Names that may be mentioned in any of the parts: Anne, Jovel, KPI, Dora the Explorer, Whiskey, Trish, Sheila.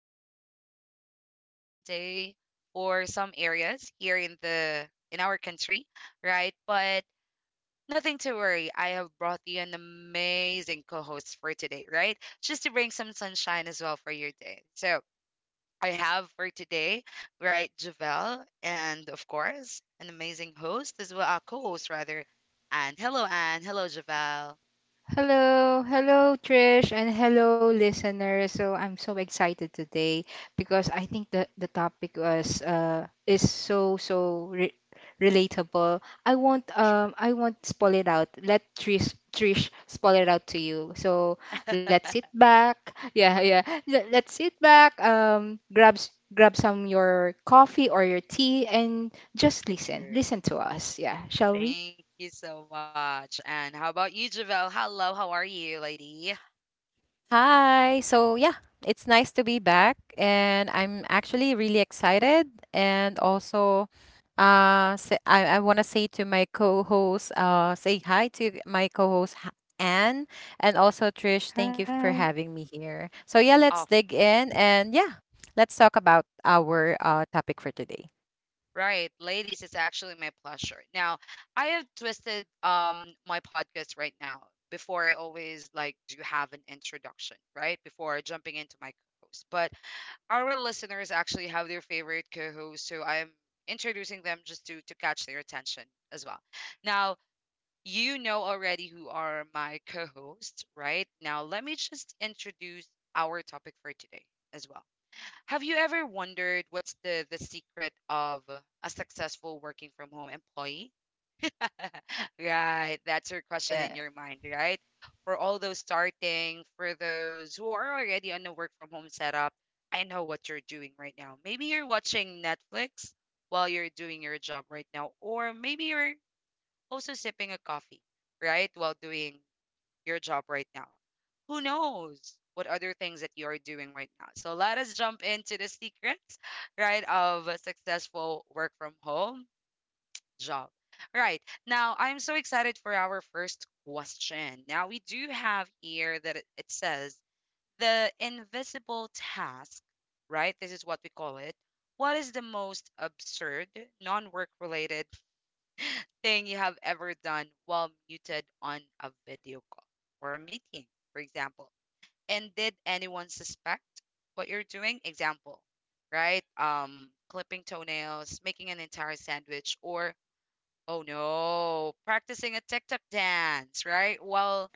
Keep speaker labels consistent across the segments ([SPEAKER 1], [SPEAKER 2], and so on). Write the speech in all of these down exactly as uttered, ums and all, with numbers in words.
[SPEAKER 1] It's a rainy and gloomy day for some areas here in the in our country, right? But nothing to worry. I have brought you an amazing co-host for today, right? Just to bring some sunshine as well for your day. So I have for today, right, Javelle, and of course, an amazing host as well, uh, co-host rather. And hello, Anne. Hello, Javelle.
[SPEAKER 2] Hello, hello Trish and hello listeners. So I'm so excited today because I think the the topic was uh is so so re relatable. I won't
[SPEAKER 1] True,
[SPEAKER 2] um I won't spoil it out. Let Trish Trish spoil it out to you. So let's sit back. Yeah, yeah. Let, let's sit back. Um grab s- grab some your coffee or your tea and just listen.
[SPEAKER 1] true.
[SPEAKER 2] Listen to us. Yeah, shall we?
[SPEAKER 1] Thank you so much. And how about you, Javel? Hello, how are you, lady?
[SPEAKER 3] Hi. So, yeah, it's nice to be back, and I'm actually really excited. And also, uh, say, I, I want to say to my co-host, uh, say hi to my co-host Ha- Anne, and also Trish. Thank you for
[SPEAKER 2] Hi.
[SPEAKER 3] having me here. So, yeah, let's
[SPEAKER 1] Oh,
[SPEAKER 3] dig in, and yeah, let's talk about our uh topic for today.
[SPEAKER 1] right, ladies, it's actually my pleasure. Now, I have twisted um my podcast right now. Before I always like do have an introduction, right? Before jumping into my co-host. But our listeners actually have their favorite co-host, so I'm introducing them just to to catch their attention as well. Now, you know already who are my co hosts, right? Now, let me just introduce our topic for today as well. Have you ever wondered what's the, the secret of a successful working from home employee? Right, that's your question in
[SPEAKER 2] Yeah.
[SPEAKER 1] your mind, right? For all those starting, for those who are already on the work from home setup, I know what you're doing right now. Maybe you're watching Netflix while you're doing your job right now, or maybe you're also sipping a coffee right while doing your job right now. Who knows what other things that you're doing right now? So let us jump into the secrets, right, of a successful work from home job. Right. Now, I'm so excited for our first question. Now, we do have here that it it says the invisible task, right? This is what we call it. What is the most absurd, non work related thing you have ever done while muted on a video call or a meeting, for example? And did anyone suspect what you're doing? Example, right? Um, clipping toenails, making an entire sandwich, or oh no, practicing a TikTok dance, right? While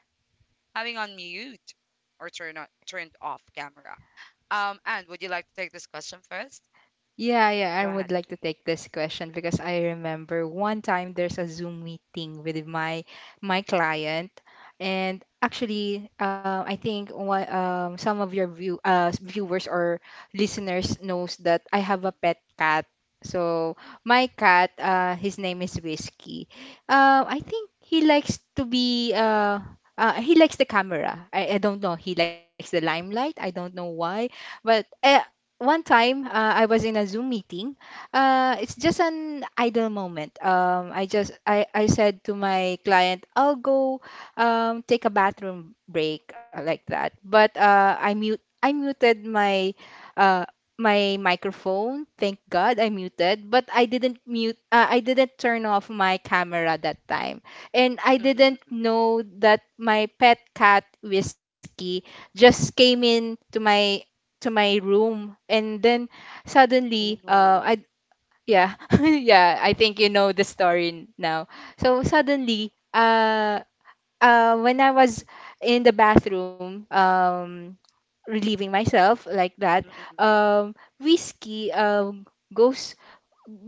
[SPEAKER 1] having on mute or turn on, turned off camera. Um, and would you like to take this question first?
[SPEAKER 2] Yeah, yeah, I
[SPEAKER 1] Go
[SPEAKER 2] would
[SPEAKER 1] ahead.
[SPEAKER 2] like to take this question because I remember one time there's a Zoom meeting with my my client, and actually, uh, I think one, um, some of your view uh, viewers or listeners knows that I have
[SPEAKER 1] Mhm.
[SPEAKER 2] a pet cat. So my cat, uh, his name is Whiskey. Uh, I think he likes to be uh, uh, he likes the camera. I, I don't know. He likes the limelight. I don't know why, but. Uh, one time uh, I was in a Zoom meeting. Uh, it's just an idle moment. Um, I just I, I said to my client, I'll go um, take a bathroom break uh, like that. But uh, I mute I muted my uh, my microphone. Thank God I muted, but I didn't mute. Uh, I didn't turn off my camera that time, and
[SPEAKER 1] Mm
[SPEAKER 2] I
[SPEAKER 1] mm mm mm.
[SPEAKER 2] didn't know that my pet cat Whiskey just came in to my to my room and then
[SPEAKER 1] Oh
[SPEAKER 2] suddenly uh
[SPEAKER 1] no.
[SPEAKER 2] I yeah, yeah, I think you know the story n- now. So suddenly uh uh when I was
[SPEAKER 1] Mm,
[SPEAKER 2] in the bathroom um relieving myself like that.
[SPEAKER 1] mm, mm, mm,
[SPEAKER 2] um Whiskey, um goes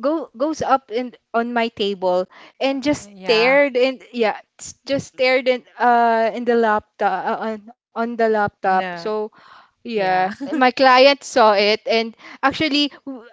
[SPEAKER 2] go goes up and on my table and just
[SPEAKER 3] Yeah.
[SPEAKER 2] stared and yeah s- just
[SPEAKER 1] mm, mm.
[SPEAKER 2] stared in uh in the laptop, uh, on on the laptop.
[SPEAKER 3] No.
[SPEAKER 2] So
[SPEAKER 3] Yeah.
[SPEAKER 2] yeah, my client saw it, and actually, w-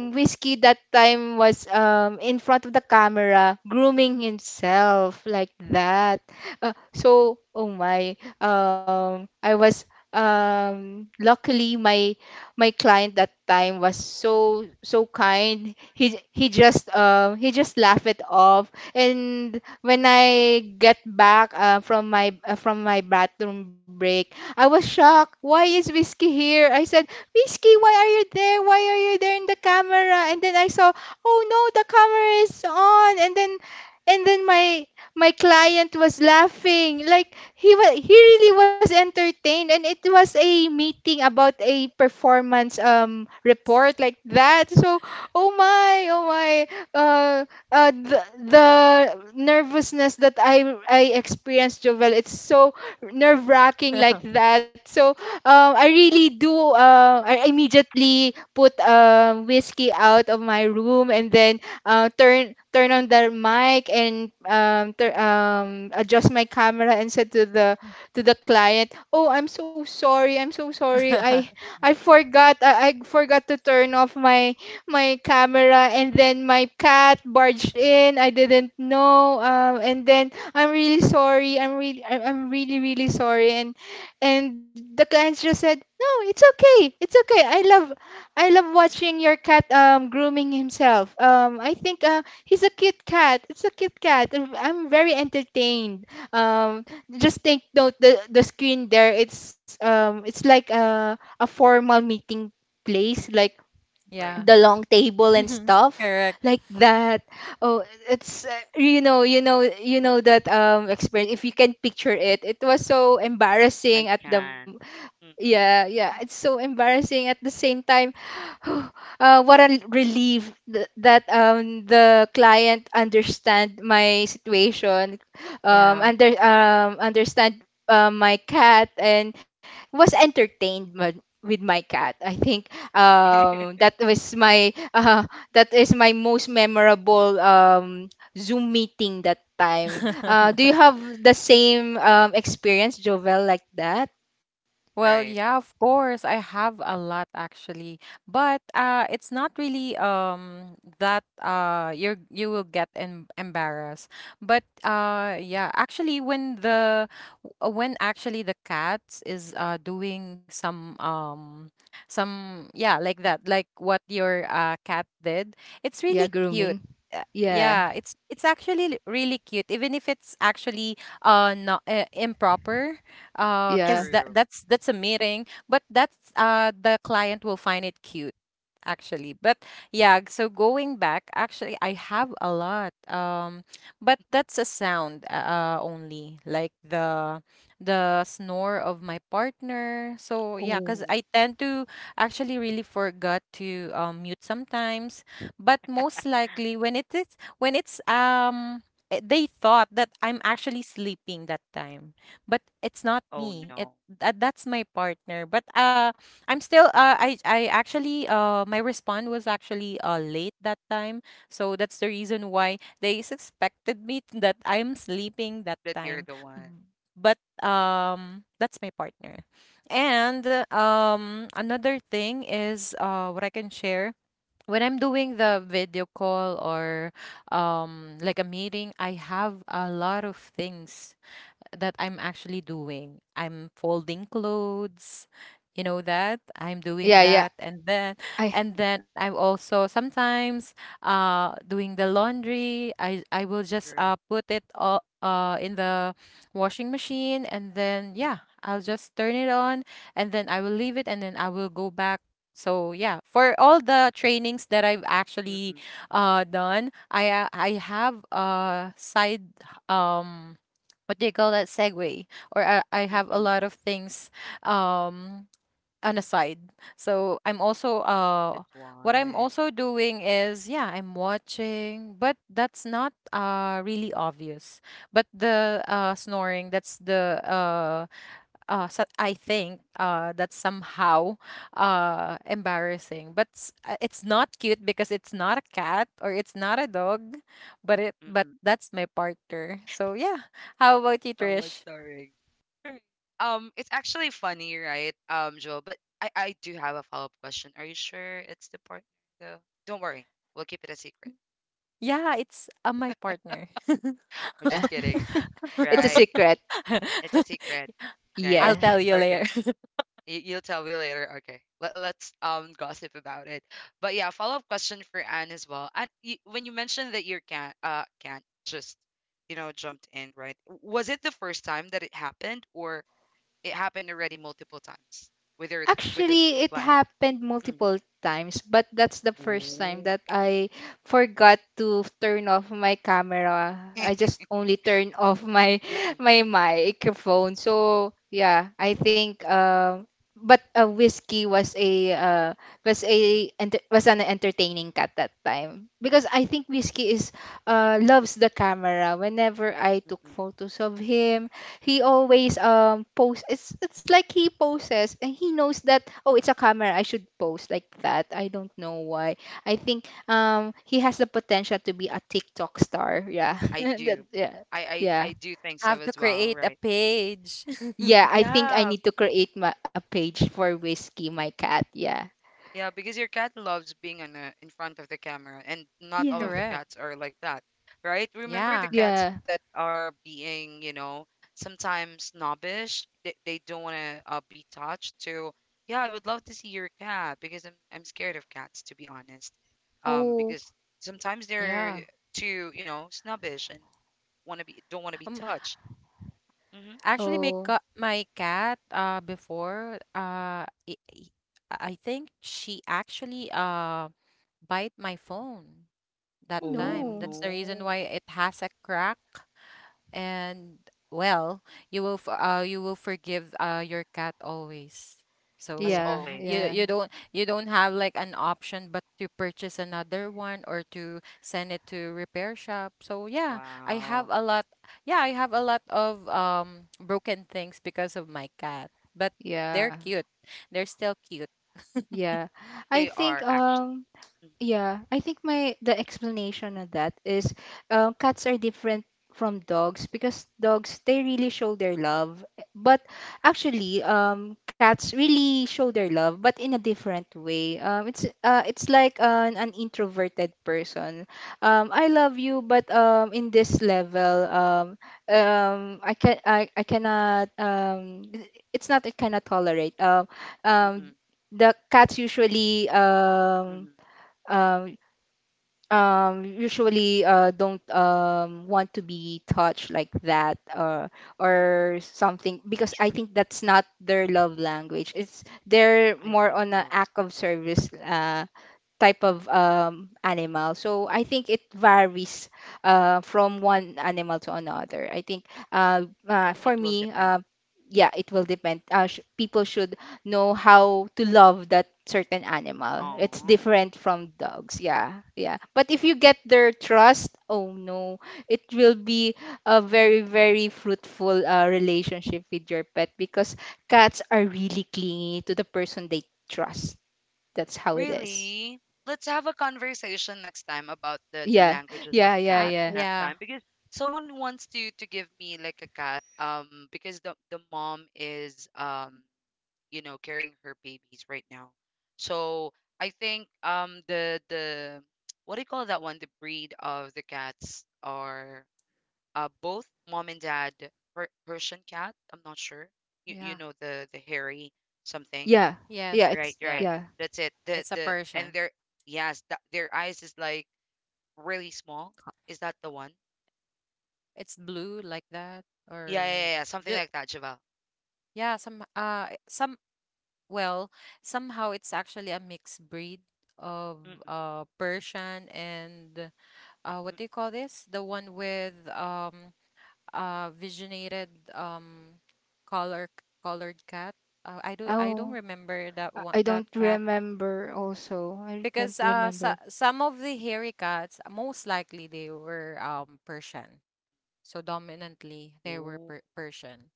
[SPEAKER 1] Oh,
[SPEAKER 2] Whiskey that time was um in front of the camera grooming himself like that. Uh, so, oh my, um, I was um luckily my my client that time was so so kind. He he just um he just laughed it off, and when I get back uh, from my uh, from my bathroom break. I was shocked. Why is Whiskey here? I said, Whiskey, why are you there? Why are you there in the camera? And then I saw, oh no, the camera is on. And then, and then my my client was laughing. Like he was, he really was entertained. And it was a meeting about a performance um report like that. So, oh my, oh my, uh, uh, the, the nervousness that I I experienced, Jovel, it's so nerve wracking like that. So um, I really do. Uh, I immediately put um whiskey out of my room and then uh, turn turn on the mic and um, tur um, adjust my camera and said to the to the client, "Oh, I'm so sorry. I'm so sorry. I I forgot. I, I forgot to turn off my my camera and then my cat barged in. I didn't know. Um, and then I'm really sorry. I'm really, I'm I'm really, really sorry." And and the clients just said, no, it's okay. It's okay. I love, I love watching your cat um grooming himself. Um, I think uh he's a cute cat. It's a cute cat. I'm, I'm very entertained. Um, just take note the the screen there. It's um, it's like a a formal meeting place like
[SPEAKER 1] right.
[SPEAKER 3] Yeah.
[SPEAKER 2] the long table and stuff
[SPEAKER 3] Correct.
[SPEAKER 2] like that. Oh, it's uh, you know you know you know that um experience. If you can picture it, it was so embarrassing
[SPEAKER 1] I
[SPEAKER 2] at the
[SPEAKER 1] can. Mm,
[SPEAKER 2] yeah, yeah, it's so embarrassing. At the same time, uh, what a l- relief th that um the client understand my situation, um
[SPEAKER 3] Yeah.
[SPEAKER 2] under um understand uh, my cat and was entertained ma- with my cat. I think um that was my uh, that is my most memorable um Zoom meeting that time. Uh, do you have the same um experience, Jovel, like that?
[SPEAKER 3] Well,
[SPEAKER 1] right.
[SPEAKER 3] yeah, of course. I have a lot actually. But uh it's not really um that uh you're you will get em embarrassed. But uh yeah, actually when the uh, when actually the cat is uh doing some um some yeah, like that, like what your uh cat did, it's
[SPEAKER 2] Yeah,
[SPEAKER 3] really cute.
[SPEAKER 2] grooming.
[SPEAKER 3] Uh,
[SPEAKER 2] Yeah.
[SPEAKER 3] Yeah, it's it's actually really cute, even if it's actually uh not uh, improper uh
[SPEAKER 2] Yeah.
[SPEAKER 3] because that
[SPEAKER 1] True.
[SPEAKER 3] that's that's a meeting but that's uh the client will find it cute actually. But yeah, so going back actually I have a lot, um but that's a sound uh uh, only like the the snore of my partner. So yeah,
[SPEAKER 1] Oh
[SPEAKER 2] Oh.
[SPEAKER 3] because
[SPEAKER 1] no.
[SPEAKER 3] I tend to actually really forgot to, um, mute sometimes, but most likely when it is when it's um eh, they thought that I'm actually sleeping that time, but it's not
[SPEAKER 1] Oh
[SPEAKER 3] me,
[SPEAKER 1] no.
[SPEAKER 3] it that, that's my partner. But uh I'm still uh I I actually uh my response was actually uh late that time. So that's the reason why they suspected me, t- that I'm sleeping that
[SPEAKER 1] That you're
[SPEAKER 3] time.
[SPEAKER 1] the one.
[SPEAKER 3] B- but um That's my partner. And um another thing is uh what I can share when I'm doing the video call or um like a meeting, I have a lot of things that I'm actually doing. I'm folding clothes, you know that? I'm doing
[SPEAKER 2] Yeah, yeah.
[SPEAKER 3] that, and then
[SPEAKER 2] I
[SPEAKER 3] and then I'm also sometimes uh doing the laundry. I I will just
[SPEAKER 1] True.
[SPEAKER 3] uh put it all uh in the washing machine, and then yeah, I'll just turn it on and then I will leave it and then I will go back. So yeah, for all the trainings that I've actually
[SPEAKER 1] Mm-mm,
[SPEAKER 3] uh done, I uh, I have a side, um what do you call that, segue? Or I, I have a
[SPEAKER 1] mm-mm.
[SPEAKER 3] lot of things, um an aside. So I'm also uh
[SPEAKER 1] That's
[SPEAKER 3] what I'm
[SPEAKER 1] why.
[SPEAKER 3] also doing is, yeah, I'm watching, but that's not uh really obvious. But the uh snoring, that's the uh uh so I think uh that's somehow uh embarrassing. But s- uh, it's not cute because it's not a cat or it's not a dog, but it but
[SPEAKER 1] Mm-mm.
[SPEAKER 3] that's my partner. So yeah. How about you,
[SPEAKER 1] Someone
[SPEAKER 3] Trish?
[SPEAKER 1] sorry. Right. Um, it's actually funny, right, um, Joel? But I, I do have a follow-up question. Are you sure it's the partner, though? Don't worry, we'll keep it a secret.
[SPEAKER 3] Yeah, it's uh, my partner.
[SPEAKER 1] I'm
[SPEAKER 2] yeah.
[SPEAKER 1] just kidding,
[SPEAKER 2] It's a
[SPEAKER 1] right?
[SPEAKER 2] secret.
[SPEAKER 1] It's a secret, right?
[SPEAKER 3] I'll
[SPEAKER 2] Yeah.
[SPEAKER 3] tell you
[SPEAKER 1] Okay.
[SPEAKER 3] later.
[SPEAKER 1] You, you'll tell me later. Okay. Let, let's um gossip about it. But yeah, follow-up question for Anne as well. And you, when you mentioned that you can't uh can't just, you know, jumped in, right? Was it the first time that it happened or it happened already multiple times with her th- with the
[SPEAKER 2] Actually, it
[SPEAKER 1] client?
[SPEAKER 2] happened
[SPEAKER 1] Mm.
[SPEAKER 2] multiple times, but that's the first time
[SPEAKER 1] Ooh.
[SPEAKER 2] that I forgot to turn off my camera. I just only turned off my
[SPEAKER 1] Mm-mm,
[SPEAKER 2] my microphone. So yeah, I think um but uh, whiskey was a uh, was
[SPEAKER 1] mm-mm,
[SPEAKER 2] a ent- was an entertaining cat that time because I think whiskey is uh, loves the camera. Whenever I took
[SPEAKER 1] mm-mm.
[SPEAKER 2] photos of him, he always um posts. It's it's like he poses and he knows that, oh, it's a camera. I should post like that. I don't know why. I think um he has the potential to be a TikTok star. Yeah.
[SPEAKER 1] I
[SPEAKER 2] That-
[SPEAKER 1] do.
[SPEAKER 2] yeah.
[SPEAKER 1] I, I
[SPEAKER 2] Yeah.
[SPEAKER 1] I do think
[SPEAKER 3] Have
[SPEAKER 1] so
[SPEAKER 3] to
[SPEAKER 1] as well,
[SPEAKER 3] create a
[SPEAKER 1] right?
[SPEAKER 3] page.
[SPEAKER 2] Yeah. I think I
[SPEAKER 1] Yeah,
[SPEAKER 2] need to create my, a page for Whiskey, my cat. Yeah.
[SPEAKER 1] yeah, because your cat loves being on a, in front of the camera, and not all
[SPEAKER 2] Yeah.
[SPEAKER 1] of the
[SPEAKER 3] Correct.
[SPEAKER 1] cats are like that, right? Remember the
[SPEAKER 3] Yeah.
[SPEAKER 1] cats
[SPEAKER 2] Yeah.
[SPEAKER 1] that are being, you know, sometimes snobbish. They, they don't want to uh, be touched. To yeah, I would love to see your cat because I'm I'm scared of cats to be honest. Um,
[SPEAKER 2] Oh.
[SPEAKER 1] because sometimes
[SPEAKER 3] Yeah.
[SPEAKER 1] they're too, you know, snobbish and want to be don't want to be
[SPEAKER 3] Um,
[SPEAKER 1] touched. Hmm.
[SPEAKER 3] actually, my
[SPEAKER 2] Oh.
[SPEAKER 3] ca- my cat uh before uh i i- I think she actually uh bite my phone
[SPEAKER 2] Oh
[SPEAKER 3] that
[SPEAKER 1] Oh
[SPEAKER 3] time.
[SPEAKER 2] no.
[SPEAKER 3] That's the reason why
[SPEAKER 1] no,
[SPEAKER 3] it has a crack. And well, you will f- uh you will forgive uh your cat always.
[SPEAKER 1] as
[SPEAKER 3] So
[SPEAKER 2] Yeah.
[SPEAKER 1] always.
[SPEAKER 3] you
[SPEAKER 2] Yeah.
[SPEAKER 3] you don't you don't have like an option but to purchase another one or to send it to repair shop. So yeah, I have
[SPEAKER 1] Wow,
[SPEAKER 3] a lot, yeah, I have a lot of um broken things because of my cat, but
[SPEAKER 2] Yeah.
[SPEAKER 3] they're cute, they're still cute.
[SPEAKER 2] Yeah. I
[SPEAKER 1] they
[SPEAKER 2] think
[SPEAKER 1] are actually
[SPEAKER 2] um
[SPEAKER 1] Mhm,
[SPEAKER 2] yeah, I think my the explanation of that is uh, cats are different from dogs because dogs they really show their love, eh, but actually um cats really show their love but in a different way. Um it's uh it's like an, an introverted person. Um, I love you but um in this level um um I can I, I cannot um it's not I cannot tolerate. Um
[SPEAKER 1] true.
[SPEAKER 2] um the cats usually
[SPEAKER 1] Mhm,
[SPEAKER 2] um um, um, usually uh, don't um, want to be touched like that, uh,
[SPEAKER 1] mm,
[SPEAKER 2] or something because
[SPEAKER 1] true.
[SPEAKER 2] I think that's not their love language. It's they're
[SPEAKER 1] I
[SPEAKER 2] more
[SPEAKER 1] think
[SPEAKER 2] on
[SPEAKER 1] so.
[SPEAKER 2] an act of service, uh, type of um, animal. So I think it varies uh, from one animal to another. I think uh, uh, for
[SPEAKER 1] It will
[SPEAKER 2] me,
[SPEAKER 1] depend.
[SPEAKER 2] uh, yeah, it will depend. Uh, sh- people should know how to love that certain animal. It's
[SPEAKER 1] Aw,
[SPEAKER 2] different from dogs. Yeah, yeah. But if you get their trust, oh no, it will be a very, very fruitful uh, relationship with your pet because cats are really clingy to the person they trust. That's how it is.
[SPEAKER 1] really? Let's have a conversation next time about the the
[SPEAKER 2] Yeah,
[SPEAKER 1] languages of
[SPEAKER 2] yeah, yeah,
[SPEAKER 3] uh,
[SPEAKER 1] cats
[SPEAKER 2] yeah,
[SPEAKER 1] next
[SPEAKER 3] yeah,
[SPEAKER 1] time because someone wants to to give me like a cat um because the the mom is um you know carrying her babies right now. So I think um the the what do you call that one? The breed of the cats are uh, both mom and dad per- Persian cat. I'm not sure. You,
[SPEAKER 3] yeah,
[SPEAKER 1] you know the the hairy something,
[SPEAKER 2] yeah,
[SPEAKER 3] yes,
[SPEAKER 2] yeah.
[SPEAKER 1] right?
[SPEAKER 2] It's
[SPEAKER 3] yes,
[SPEAKER 1] Right.
[SPEAKER 2] yeah.
[SPEAKER 1] That's it. The
[SPEAKER 3] it's a
[SPEAKER 1] the and
[SPEAKER 3] Persian.
[SPEAKER 1] their yes, th- their eyes is like really small. Is that the one?
[SPEAKER 3] It's blue like that,
[SPEAKER 1] Yeah, yeah,
[SPEAKER 3] or
[SPEAKER 1] yeah, yeah, something
[SPEAKER 3] ju
[SPEAKER 1] like that, Javel.
[SPEAKER 3] yeah, some uh eh, some well, somehow it's actually a mixed breed of
[SPEAKER 1] Mm-mm,
[SPEAKER 3] uh Persian and uh what do you call this? The one with um uh visionated um color colored cat. Uh, I do I don't
[SPEAKER 2] Oh,
[SPEAKER 3] remember that
[SPEAKER 2] I
[SPEAKER 3] one
[SPEAKER 2] I
[SPEAKER 3] that
[SPEAKER 2] don't
[SPEAKER 3] cat
[SPEAKER 2] remember. Also, I can't
[SPEAKER 3] because uh so,
[SPEAKER 2] remember.
[SPEAKER 3] some of the hairy cats most likely they were um
[SPEAKER 1] mm-mm,
[SPEAKER 3] Persian. So dominantly
[SPEAKER 1] mm-mm.
[SPEAKER 3] they were per Persian.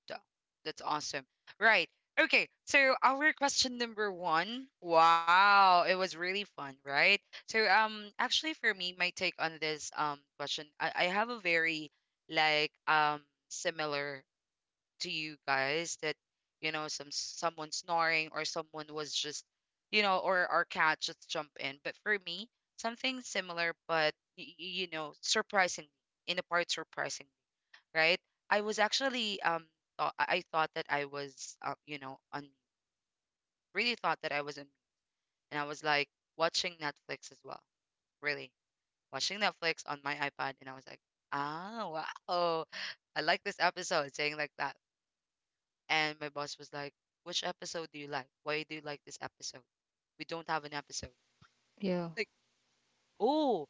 [SPEAKER 1] Duh. That's awesome. Right. Okay. So our question number one. Wow, it was really fun, right? So um, actually, for me, my take on this um question, I, I have a very like um similar to you guys that you know some someone snoring or someone was just you know or our cat just jump in. But for me, something similar, but y- y- you know, surprisingly in a part surprising right? I was actually um thought I I thought that I was um you know on really thought that I was on and I was like watching Netflix as well. Really watching Netflix on my iPad and I was like, "Ah, wow." "I like this episode," saying like that. And my boss was like, "Which episode do you like? Why do you like this episode? We don't have an episode."
[SPEAKER 2] Yeah,
[SPEAKER 1] Like, "Oh,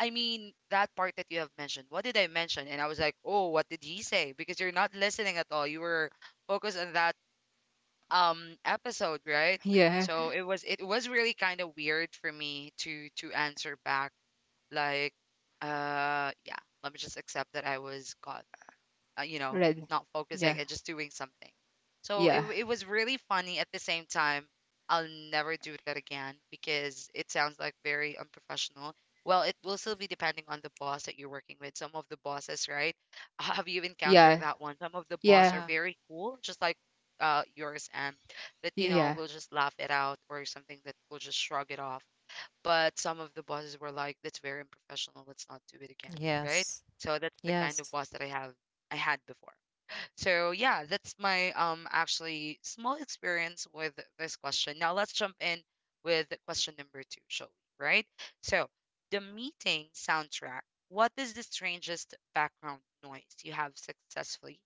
[SPEAKER 1] I mean that part that you have mentioned. What did I mention?" And I was like, "Oh, what did he say?" Because you're not listening at all. You were focused on that um episode right
[SPEAKER 2] yeah.
[SPEAKER 1] so it was it was really kind of weird for me to to answer back like uh yeah let me just accept that I was caught uh, you know,
[SPEAKER 2] Red.
[SPEAKER 1] not focusing
[SPEAKER 2] Yeah,
[SPEAKER 1] and just doing something. So it,
[SPEAKER 2] yeah,
[SPEAKER 1] w- it was really funny. At the same time, I'll never do that again because it sounds like very unprofessional. Well, it will still be depending on the boss that you're working with. Some of the bosses, right? Have you encountered
[SPEAKER 2] yeah,
[SPEAKER 1] that one? Some of the boss
[SPEAKER 2] yeah,
[SPEAKER 1] are
[SPEAKER 3] Yeah.
[SPEAKER 1] very cool, just like uh yours, and that you know
[SPEAKER 2] yeah,
[SPEAKER 1] will just laugh it out or something that will just shrug it off. But some of the bosses were like, "That's very unprofessional. Let's not do it again." Right?
[SPEAKER 3] Yes.
[SPEAKER 1] So that's the kind of
[SPEAKER 3] Yes.
[SPEAKER 1] boss that I have I had before. So yeah, that's my um actually small experience with this question. Now let's jump in with question number two, shall we? Right? So, the meeting soundtrack. What is the strangest background noise you have successfully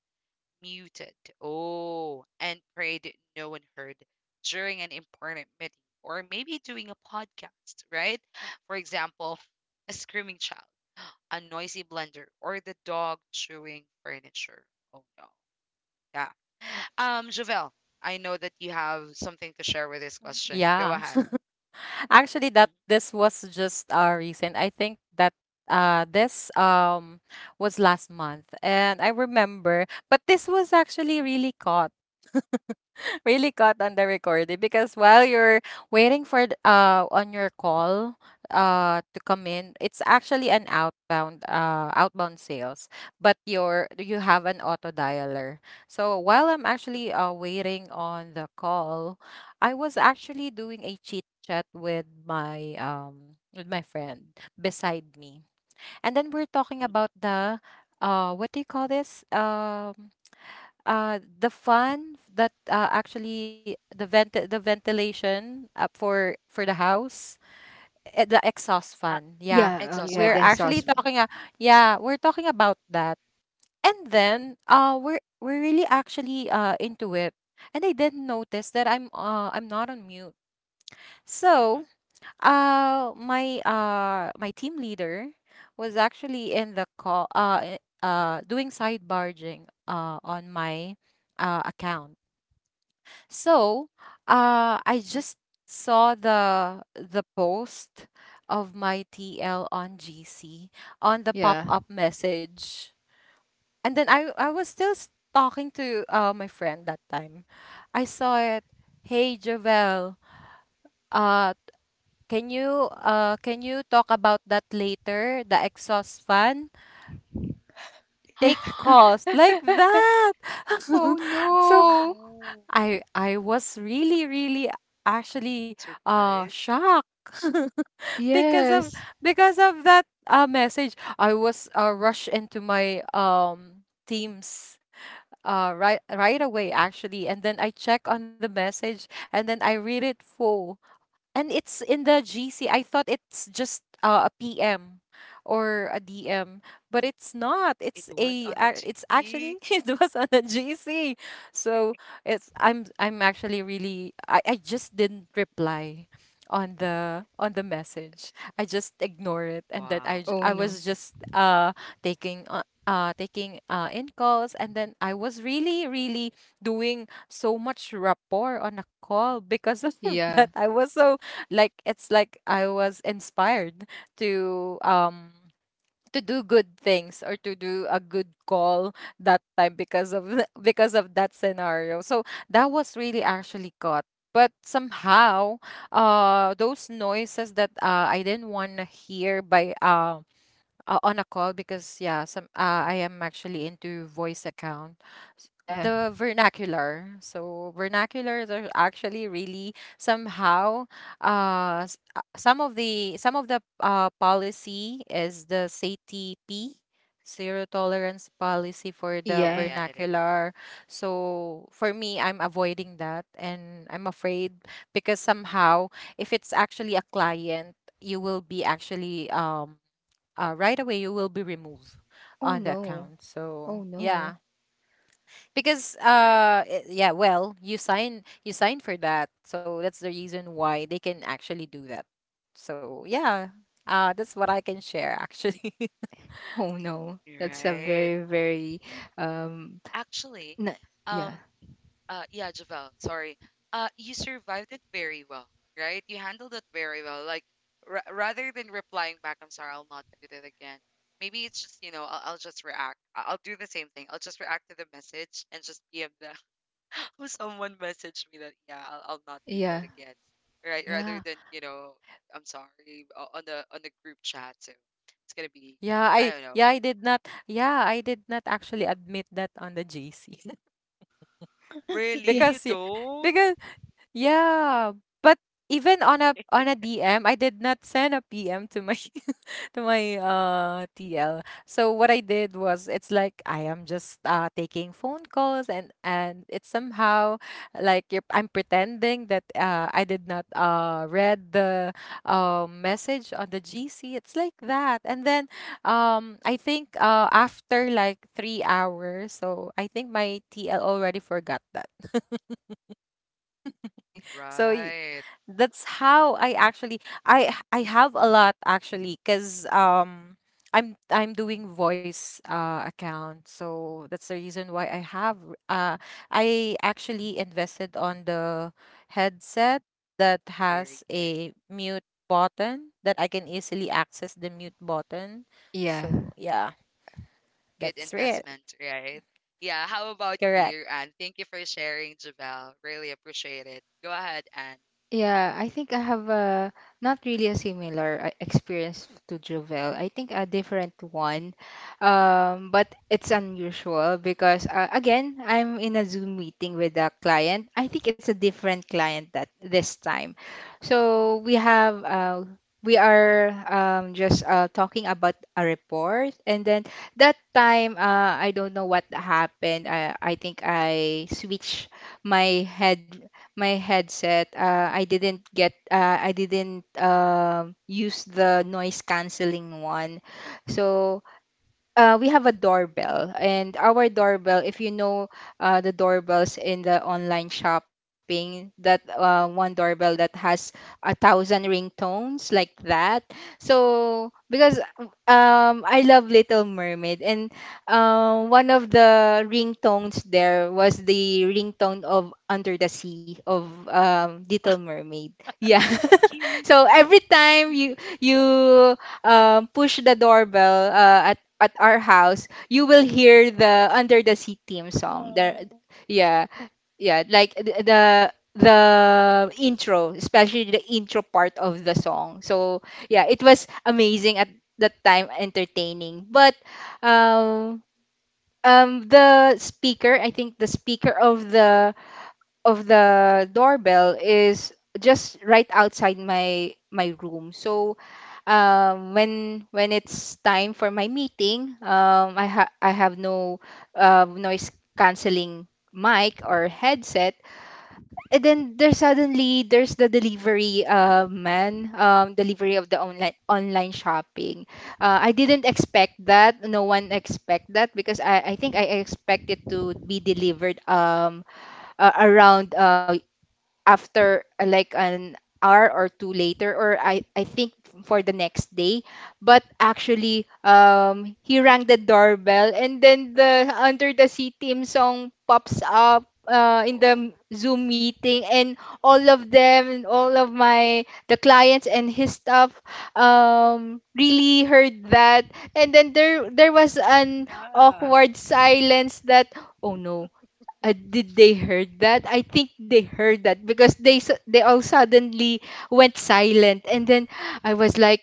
[SPEAKER 1] muted. Oh, and prayed no one heard during an important meeting or maybe doing a podcast, right? For example, a screaming child, a noisy blender, or the dog chewing furniture. Oh no. Yeah. Um, Javel, I know that you have something to share with this question. Go
[SPEAKER 3] Yeah.
[SPEAKER 1] ahead.
[SPEAKER 3] Actually
[SPEAKER 1] Mhm,
[SPEAKER 3] that this was just uh recent. I think that uh this um was last month, and I remember, but this was actually really caught really caught on the recording, because while you're waiting for th- uh on your call uh to come in, it's actually an outbound uh outbound sales, but your you have an auto dialer. So while I'm
[SPEAKER 1] mhm,
[SPEAKER 3] actually uh waiting on the call, I was actually doing a chit chat with my um with my friend beside me. And then we're talking
[SPEAKER 1] mhm.
[SPEAKER 3] about the uh what do you call this? Um uh the fan that uh, actually the vent the ventilation up for for the house, eh, the exhaust
[SPEAKER 1] Uh,
[SPEAKER 3] fan. Yeah,
[SPEAKER 2] yeah. Oh,
[SPEAKER 1] exhaust
[SPEAKER 2] yeah.
[SPEAKER 3] we're
[SPEAKER 1] fan.
[SPEAKER 2] The
[SPEAKER 3] actually
[SPEAKER 2] sauce
[SPEAKER 1] Mm-mm,
[SPEAKER 2] one.
[SPEAKER 3] talking uh, yeah, we're talking about that, and then uh we're we're really actually uh into it, and I didn't notice that i'm uh I'm not on mute.
[SPEAKER 1] mm-mm.
[SPEAKER 3] So uh, my uh my team leader was actually in the call uh i- uh doing side barging uh on my uh account. So, uh I just saw the the post of my T L on G C on the
[SPEAKER 2] Yeah,
[SPEAKER 3] pop-up message. And then I I was still s- talking to uh my friend that time. I saw it, "Hey Javel, uh can you uh can you talk about that later? The exhaust fan
[SPEAKER 2] yeah.
[SPEAKER 3] take calls," like that.
[SPEAKER 2] Oh
[SPEAKER 3] So
[SPEAKER 1] Oh
[SPEAKER 2] no.
[SPEAKER 1] no.
[SPEAKER 3] I I was really really actually uh
[SPEAKER 1] Surprise.
[SPEAKER 3] shocked because of
[SPEAKER 2] Yes.
[SPEAKER 3] because of that uh message. I was uh, rushed into my um teams uh right right away actually, and then I check on the message and then I read it full. And it's in the G C. I thought it's just uh, a P M or a D M, but it's not.
[SPEAKER 1] It
[SPEAKER 3] It's
[SPEAKER 1] was
[SPEAKER 3] a
[SPEAKER 1] on the
[SPEAKER 3] ac- it's actually
[SPEAKER 1] G C.
[SPEAKER 3] it was on a G C. So it's I'm I'm actually really I, I just didn't reply on the on the message. I just ignore it and then
[SPEAKER 1] Wow.
[SPEAKER 3] I j-
[SPEAKER 2] Oh
[SPEAKER 3] I
[SPEAKER 2] no.
[SPEAKER 3] was just uh taking uh, uh taking uh in calls, and then I was really really doing so much rapport on a call because of
[SPEAKER 2] Yeah,
[SPEAKER 3] that. I was so, like, it's like I was inspired to um to do good things or to do a good call that time, because of th- because of that scenario. So that was really actually caught. But somehow, uh, those noises that uh, I didn't want to hear by um uh, on a call, because yeah some uh, I am actually into voice account. S-
[SPEAKER 2] yeah,
[SPEAKER 3] the vernacular, so vernaculars are actually really somehow uh s- uh, some of the some of the uh, policy is the C T P, zero tolerance policy for the
[SPEAKER 1] Yeah, yeah,
[SPEAKER 2] yeah.
[SPEAKER 1] yeah, it is.
[SPEAKER 3] vernacular. So for me I'm avoiding that, and I'm afraid because somehow if it's actually a client, you will be actually um uh, right away you will be removed
[SPEAKER 2] Oh
[SPEAKER 3] on the
[SPEAKER 2] no.
[SPEAKER 3] account. So
[SPEAKER 2] Oh
[SPEAKER 3] yeah,
[SPEAKER 2] no.
[SPEAKER 3] because
[SPEAKER 1] Right.
[SPEAKER 3] uh it- yeah, well, you sign you sign for that, so that's the reason why they can actually do that. So yeah, uh that's what I can share actually.
[SPEAKER 2] Oh no. That's a
[SPEAKER 1] Right.
[SPEAKER 2] very, very um.
[SPEAKER 1] Actually,
[SPEAKER 2] N yeah,
[SPEAKER 1] um, uh, yeah, Javel, sorry. Uh, you survived it very well, right? You handled it very well. Like, ra rather than replying back, I'm sorry, I'll not do that again. Maybe it's just, you know, I'll, I'll just react. I- I'll do the same thing. I'll just react to the message and just P M them. Who Someone messaged me that, yeah, I'll, I'll not do that
[SPEAKER 2] yeah,
[SPEAKER 1] again, right? Rather
[SPEAKER 3] Yeah,
[SPEAKER 1] than, you know, I'm sorry, o- on the on the group chat. So it's gonna be,
[SPEAKER 3] yeah,
[SPEAKER 1] I
[SPEAKER 3] i
[SPEAKER 1] don't know.
[SPEAKER 3] yeah I did not, yeah, I did not actually admit that on the J C.
[SPEAKER 2] yeah.
[SPEAKER 1] Really? You
[SPEAKER 3] Because yeah,
[SPEAKER 1] don't?
[SPEAKER 3] because yeah. But even on a on a D M, I did not send a P M to my to my uh T L. So what I did was, it's like I am just uh taking phone calls, and and it's somehow like you're, I'm pretending that uh I did not uh read the uh, message on the G C. It's like that. And then um I think uh after like three hours, so I think my T L already forgot that. So
[SPEAKER 1] Right.
[SPEAKER 3] that's how I actually I I have a lot actually, because um I'm I'm doing voice uh account, so that's the reason why I have uh I actually invested on the headset that
[SPEAKER 1] Very
[SPEAKER 3] has
[SPEAKER 1] good.
[SPEAKER 3] a mute button, that I can easily access the mute button.
[SPEAKER 2] Yeah.
[SPEAKER 3] So yeah,
[SPEAKER 1] Good
[SPEAKER 3] that's it.
[SPEAKER 1] investment, right? Yeah. How about
[SPEAKER 3] Correct.
[SPEAKER 1] you, Anne? Thank you for sharing, Javel. Really appreciate it. Go ahead, Anne.
[SPEAKER 2] Yeah, I think I have a not really a similar uh, experience to Jovel. I think a different one, um, but it's unusual because uh, again, I'm in a Zoom meeting with a client. I think it's a different client that this time. So we have uh, we are um, just uh, talking about a report, and then that time uh, I don't know what happened. I I think I switched my head my headset. Uh, I didn't get uh, I didn't um use the noise canceling one. So uh, we have a doorbell and our doorbell, if you know uh, the doorbells in the online shopping, that uh, one doorbell that has a thousand ringtones like that. So because um, I love little mermaid and, um, one of the ringtones there was the ringtone of under the sea of, um, little mermaid. Yeah.
[SPEAKER 1] Cute.
[SPEAKER 2] So every time you you um, push the doorbell. Uh, at our house, you will hear the Under the Sea theme song. The
[SPEAKER 1] Oh,
[SPEAKER 2] yeah, yeah, like th- the the intro, especially the intro part of the song. So yeah, it was amazing at that time, entertaining. But um um the speaker, I think the speaker of the of the doorbell is just right outside my my room. So um, when when it's time for my meeting, um, I ha I have no um, noise canceling mic
[SPEAKER 1] mm,
[SPEAKER 2] or headset. And then there's suddenly there's the delivery uh, man, um, delivery of the online online shopping. Uh, I didn't expect that. No one expect that because I, I think I expect it to be delivered um uh, around uh, after uh, like an hour or two later or, I, I think for the next day, but actually um he rang the doorbell and then the under the sea team song pops up uh, in
[SPEAKER 1] oh,
[SPEAKER 2] the zoom meeting, and all of them and all of my the clients and his staff um really heard that, and then there there was an
[SPEAKER 1] nah.
[SPEAKER 2] awkward silence that oh no uh, did they heard that? I think they heard that because they su- they all suddenly went silent, and then I was like,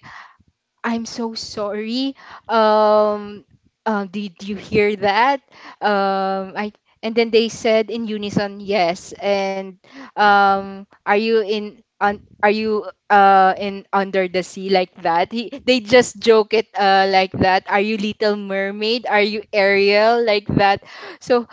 [SPEAKER 2] "I'm so sorry. Um, uh, did you hear that?" Um, I and then they said in unison, "Yes." And um, are you in on? Are you uh in under the sea like that? He, they just joke it uh like that. Are you Little Mermaid? Are you Ariel like that? So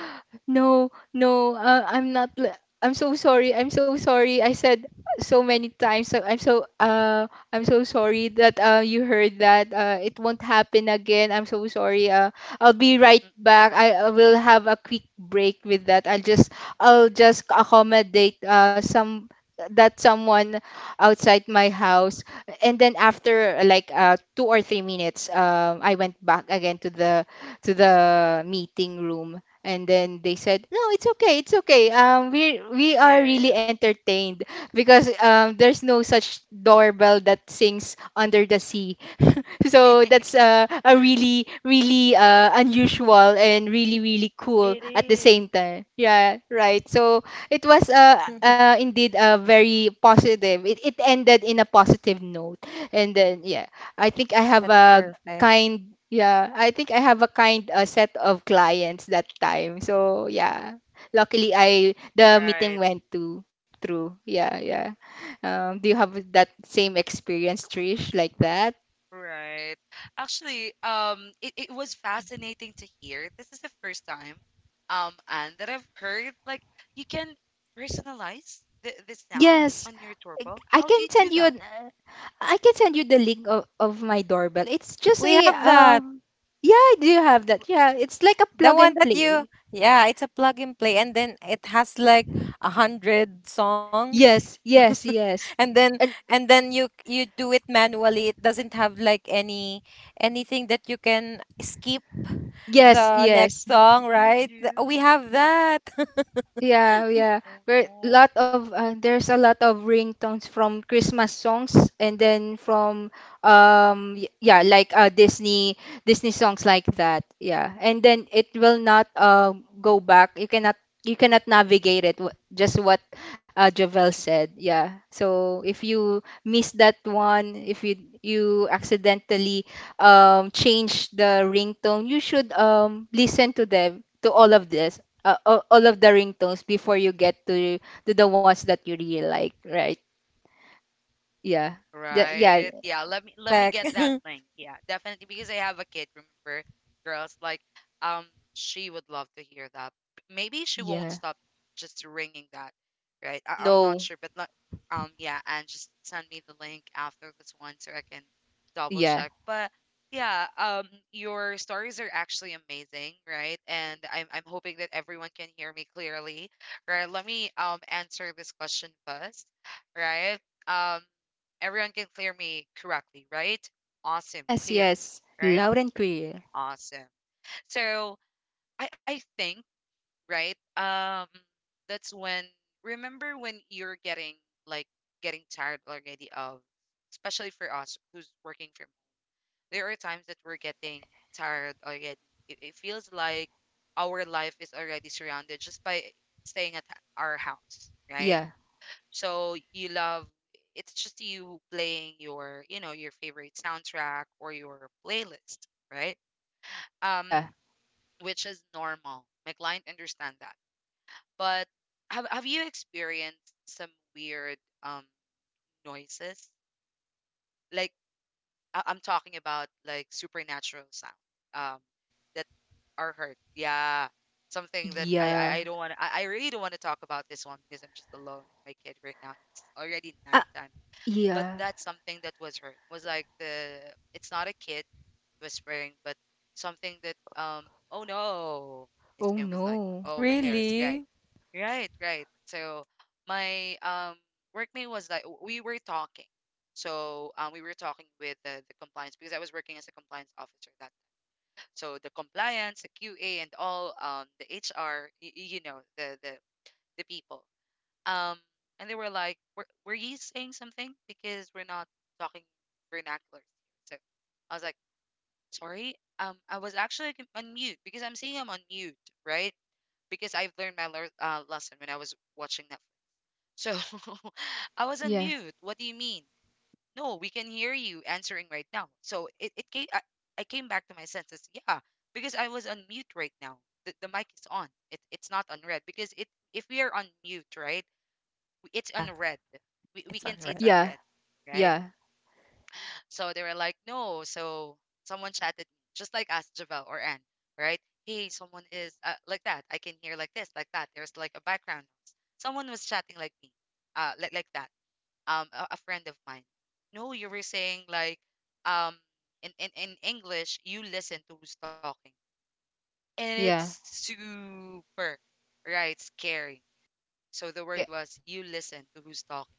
[SPEAKER 2] no, no, uh, I'm not. l- I'm so sorry. I'm so sorry. I said so many times. So I'm so uh I'm so sorry that uh you heard that. Uh, it won't happen again. I'm so sorry. Uh, I'll be right
[SPEAKER 1] Mm, mm.
[SPEAKER 2] back. I, I will have a quick break with that. I'll just I'll just accommodate uh some that someone outside my house, and then after like uh two or three minutes um I went back again to the to the meeting room, and then they said, "No, it's okay. It's okay. Um, we we are
[SPEAKER 1] Yeah,
[SPEAKER 2] really
[SPEAKER 1] yeah,
[SPEAKER 2] entertained because um, there's no such doorbell that sings under the sea."
[SPEAKER 1] yeah.
[SPEAKER 2] So that's uh, a really really uh, unusual and really really cool
[SPEAKER 1] It
[SPEAKER 2] at the
[SPEAKER 1] is.
[SPEAKER 2] same time. Yeah, right. So it was uh, uh indeed uh, very positive. It it ended in a positive note. And then yeah, I think I have
[SPEAKER 3] That's
[SPEAKER 2] a
[SPEAKER 3] perfect.
[SPEAKER 2] kind yeah I think I have a kind uh, set of clients that time, so yeah, luckily I the meeting
[SPEAKER 1] Right.
[SPEAKER 2] went to through. Yeah, yeah. Um do you have that same experience, Trish, like that?
[SPEAKER 1] Right. Actually, um, it, it was fascinating to hear. This is the first time, um, and that I've heard like you can personalize the, the sound
[SPEAKER 2] Yes,
[SPEAKER 1] on your doorbell.
[SPEAKER 2] i
[SPEAKER 1] How
[SPEAKER 2] can
[SPEAKER 1] do you
[SPEAKER 2] send
[SPEAKER 1] do
[SPEAKER 2] you an
[SPEAKER 1] that?
[SPEAKER 2] uh, I can send you the link of, of my doorbell. It's just
[SPEAKER 3] We
[SPEAKER 2] a
[SPEAKER 3] have that.
[SPEAKER 2] um yeah, I do have that. Yeah, it's like a
[SPEAKER 3] The
[SPEAKER 2] plug
[SPEAKER 3] one
[SPEAKER 2] and
[SPEAKER 3] that you,
[SPEAKER 2] play.
[SPEAKER 3] yeah, it's a plug and play, and then it has like a hundred songs,
[SPEAKER 2] Yes, yes, yes.
[SPEAKER 3] and then
[SPEAKER 2] And
[SPEAKER 3] and then you you do it manually. It doesn't have like any anything that you can skip
[SPEAKER 2] yes,
[SPEAKER 3] the
[SPEAKER 2] yes.
[SPEAKER 3] next song,
[SPEAKER 1] You
[SPEAKER 3] right? Th- We
[SPEAKER 1] do?
[SPEAKER 3] have that.
[SPEAKER 2] Yeah, yeah.
[SPEAKER 1] Oh
[SPEAKER 2] Very
[SPEAKER 1] no.
[SPEAKER 2] lot of uh, there's a lot of ringtones from Christmas songs, and then from um y- yeah, like uh Disney Disney songs like that. Yeah. And then it will not uh go back. You cannot you cannot navigate it. wh- Just what uh Javel said. Yeah. So if you miss that one, if you you accidentally um change the ringtone, you should um listen to them, to all of this uh, a- all of the ringtones before you get to to the ones that you really like, right? Yeah. The, yeah.
[SPEAKER 1] Right. Yeah. Let me let me
[SPEAKER 3] Back.
[SPEAKER 1] get that link. Yeah, definitely because I have a kid. Remember, girls, like um, she would love to hear that. Maybe she won't
[SPEAKER 2] Yeah.
[SPEAKER 1] stop just ringing that. Right.
[SPEAKER 2] Oh
[SPEAKER 1] I, I'm not
[SPEAKER 2] no.
[SPEAKER 1] sure, but let, um, yeah, and just send me the link after this one so I can double
[SPEAKER 2] Yeah.
[SPEAKER 1] check. But yeah, um, your stories are actually amazing, right? And I'm I'm hoping that everyone can hear me clearly. Right. Let me um answer this question first. Right. Um. Everyone can clear me correctly, right? Awesome,
[SPEAKER 2] Yes,
[SPEAKER 1] clear,
[SPEAKER 2] yes.
[SPEAKER 1] right?
[SPEAKER 2] Loud and clear.
[SPEAKER 1] Awesome. So I, I think, right? Um, that's when remember when you're getting like getting tired already of, especially for us who's working from. There are times that we're getting tired already. It, it feels like our life is already surrounded just by staying at our house, right?
[SPEAKER 2] Yeah.
[SPEAKER 1] So you love it's just you playing your, you know, your favorite soundtrack or your playlist, right? Um,
[SPEAKER 2] Yeah.
[SPEAKER 1] which is normal. My client understand that. But have have you experienced some weird um noises? Like I- I'm talking about like supernatural sound um that are heard. Yeah. Something that I I, I
[SPEAKER 2] Yeah.
[SPEAKER 1] don't want to I, I really don't want to talk about this one because I'm just alone and my kid right now and it's already
[SPEAKER 2] Ah,
[SPEAKER 1] nighttime, but
[SPEAKER 2] yeah.
[SPEAKER 1] that's something that was hurt was like the it's not a kid whispering but something that um oh no, my
[SPEAKER 2] Oh
[SPEAKER 1] skin was like,
[SPEAKER 2] no.
[SPEAKER 1] oh my hair is right.
[SPEAKER 3] Really?
[SPEAKER 1] Right right so my um workmate was like, we were talking. So um, we were talking with the, the compliance because I was working as a compliance officer that. So the compliance, the Q A, and all um the H R, you know the the the people, um, and they were like, were, were you saying something? Because we're not talking vernaculars here. So I was like, sorry, um, I was actually con- on mute because I'm seeing I'm on mute, right? Because I've learned my lear uh, lesson when I was watching Netflix. So I was on
[SPEAKER 2] Yeah.
[SPEAKER 1] mute. What do you mean? No, we can hear you answering right now. So it, it came, I, I came back to my senses. Yeah, because I was on mute right now. The, the mic is on. It, it's not on red because it, if we are on mute, right? It's on
[SPEAKER 3] Yeah,
[SPEAKER 1] red. We, we
[SPEAKER 3] it's
[SPEAKER 1] can
[SPEAKER 3] on
[SPEAKER 1] see it's
[SPEAKER 3] red.
[SPEAKER 1] on
[SPEAKER 2] Yeah.
[SPEAKER 1] red, right?
[SPEAKER 2] Yeah.
[SPEAKER 1] So they were like, no. So someone chatted me, just like us, Javel or Anne, right? Hey, someone is uh, like that. I can hear like this, like that. There's like a background noise. Someone was chatting like me, uh, like, like that. Um, a, a friend of mine. No, you were saying like, um, in, in, in English, you listen to who's talking. And
[SPEAKER 2] Yeah.
[SPEAKER 1] it's super, right, scary. So the word
[SPEAKER 2] Yeah.
[SPEAKER 1] was, you listen to who's talking.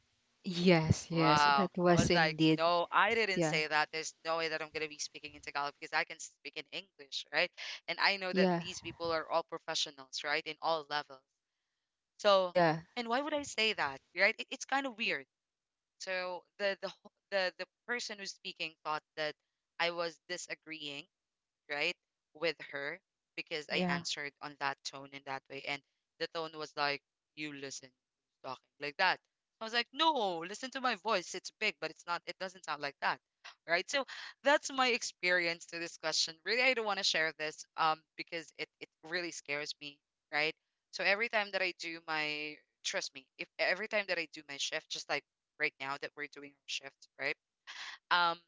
[SPEAKER 2] Yes, yes. That
[SPEAKER 1] Wow. I
[SPEAKER 2] was
[SPEAKER 1] was like,
[SPEAKER 2] indeed.
[SPEAKER 1] no, I didn't
[SPEAKER 2] Yeah.
[SPEAKER 1] say that. There's no way that I'm going to be speaking in Tagalog because I can speak in English, right? And I know that
[SPEAKER 2] Yeah.
[SPEAKER 1] these people are all professionals, right? In all levels. So,
[SPEAKER 2] Yeah.
[SPEAKER 1] and why would I say that, right? It, it's kind of weird. So the the wh- the the person who's speaking thought that I was disagreeing, right, with her because I
[SPEAKER 3] Yeah.
[SPEAKER 1] answered on that tone in that way. And the tone was like, you listen, who's talking like that. I was like, no, listen to my voice. It's big, but it's not, it doesn't sound like that. Right. So that's my experience to this question. Really, I don't want to share this, um, because it, it really scares me. Right. So every time that I do my, trust me, if every time that I do my shift, just like right now that we're doing our shift, right? Um,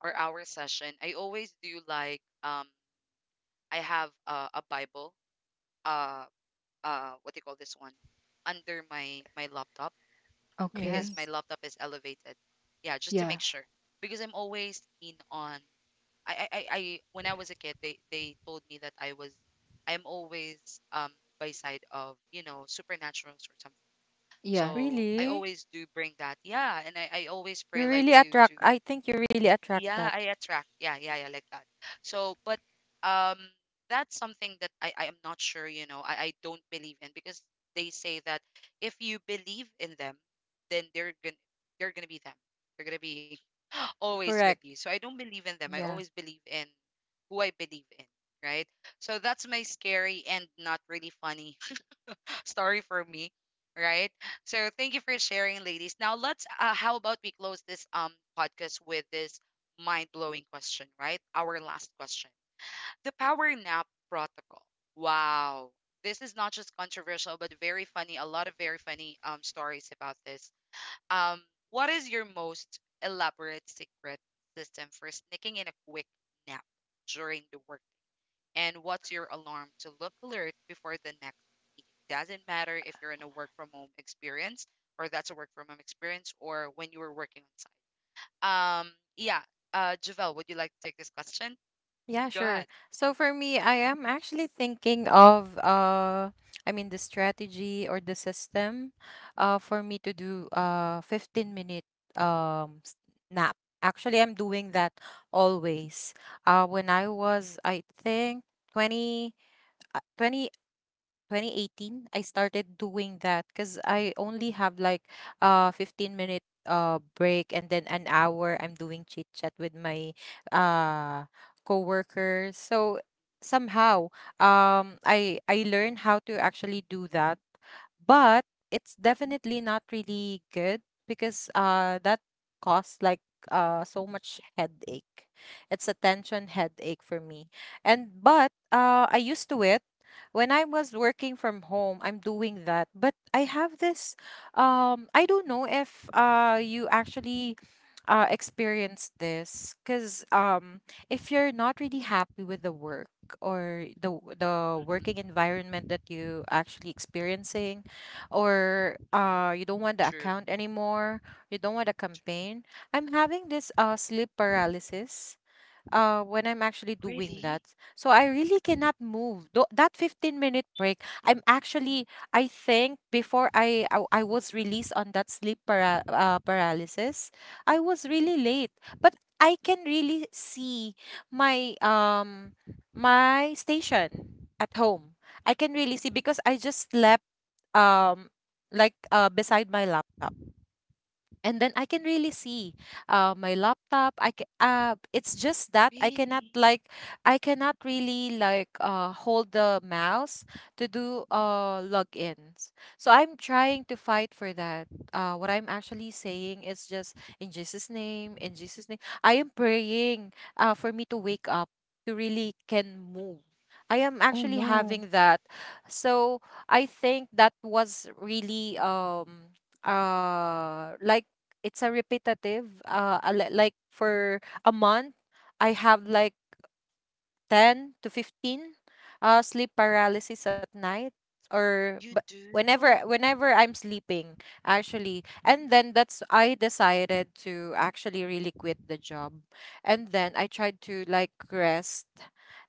[SPEAKER 1] or our session, I always do like um I have uh, a Bible. Uh, uh, what do you call this one? Under my my laptop
[SPEAKER 2] Okay.
[SPEAKER 1] because
[SPEAKER 3] Yes.
[SPEAKER 1] my laptop is elevated. Yeah, just to
[SPEAKER 2] Yeah.
[SPEAKER 1] make sure because I'm always keen on. I I I, I when I was a kid, they they told me that I was. I'm always um by side of, you know, supernaturals or something.
[SPEAKER 2] Yeah.
[SPEAKER 1] So I
[SPEAKER 3] Really?
[SPEAKER 1] always do bring that. Yeah, and I I always
[SPEAKER 3] You
[SPEAKER 1] pray like
[SPEAKER 3] really
[SPEAKER 1] to
[SPEAKER 3] attract.
[SPEAKER 1] to
[SPEAKER 3] I think you really attract that.
[SPEAKER 1] yeah, I attract. Yeah, yeah, yeah, like that. So, but um, that's something that I I am not sure, you know, I I don't believe in because they say that if you believe in them, then they're gonna they're gonna be them. They're gonna be always with
[SPEAKER 3] Correct.
[SPEAKER 1] you. So I don't believe in them. I
[SPEAKER 3] Yeah.
[SPEAKER 1] always believe in who I believe in, right? So that's my scary and not really funny story for me, right? So thank you for sharing, ladies. Now let's. Uh, how about we close this um podcast with this mind blowing question, right? Our last question: the power nap protocol. Wow, this is not just controversial, but very funny. A lot of very funny um stories about this. Um, what is your most elaborate secret system for sneaking in a quick nap during the work? And what's your alarm to look alert before the next meeting. Doesn't matter if you're in a work from home experience or that's a work from home experience or when you were working on site. Um, yeah. Uh, Javel, would you like to take this question?
[SPEAKER 3] Yeah,
[SPEAKER 1] Go
[SPEAKER 3] sure.
[SPEAKER 1] ahead.
[SPEAKER 3] So for me, I am actually thinking of uh I mean the strategy or the system uh for me to do uh fifteen minute um s- nap. Actually, I'm doing that always. Uh when I was, I think twenty uh, twenty-eight, twenty eighteen, I started doing that, because I only have like a fifteen minute uh break, and then an hour I'm doing chit chat with my uh coworkers. So somehow um I I learned how to actually do that. But it's definitely not really good, because uh that costs like uh so much headache. It's a tension headache for me. And but uh I used to it when I was working from home, I'm doing that. But I have this, um, I don't know if uh, you actually uh, experience this because um, if you're not really happy with the work, or the w- the
[SPEAKER 1] Mm-mm,
[SPEAKER 3] working environment that you actually experiencing, or
[SPEAKER 1] mm-mm.
[SPEAKER 3] uh you don't want the
[SPEAKER 1] True.
[SPEAKER 3] account anymore, you don't want the
[SPEAKER 1] True.
[SPEAKER 3] campaign. I'm having this uh sleep paralysis uh, when I'm actually doing
[SPEAKER 1] Really?
[SPEAKER 3] that. So I really cannot move. Tho- that fifteen minute break, I'm actually, I think before I, I, I was released on that sleep para- uh, paralysis, I was really late. But I can really see my, um, my station at home.
[SPEAKER 1] Mm-mm.
[SPEAKER 3] I can really see because I just slept um like uh beside my laptop, and then I can really see uh, my laptop. I ca- uh, it's just that I
[SPEAKER 1] Really?
[SPEAKER 3] cannot like, I cannot really like uh, hold the mouse to do uh, logins. So I'm trying to fight for that. Uh, what I'm actually saying is just in Jesus' name, in Jesus' name. I am praying uh, for me to wake up, to really can move. I am
[SPEAKER 2] Oh
[SPEAKER 3] actually
[SPEAKER 2] no.
[SPEAKER 3] having that. So I think that was really um uh like, it's a repetitive uh a li- like for a month I have like ten to fifteen uh, sleep paralysis at night or
[SPEAKER 1] You do?
[SPEAKER 3] but
[SPEAKER 1] You-
[SPEAKER 3] whenever whenever I'm sleeping, actually. And then that's, I decided to actually really quit the job, and then I tried to like rest,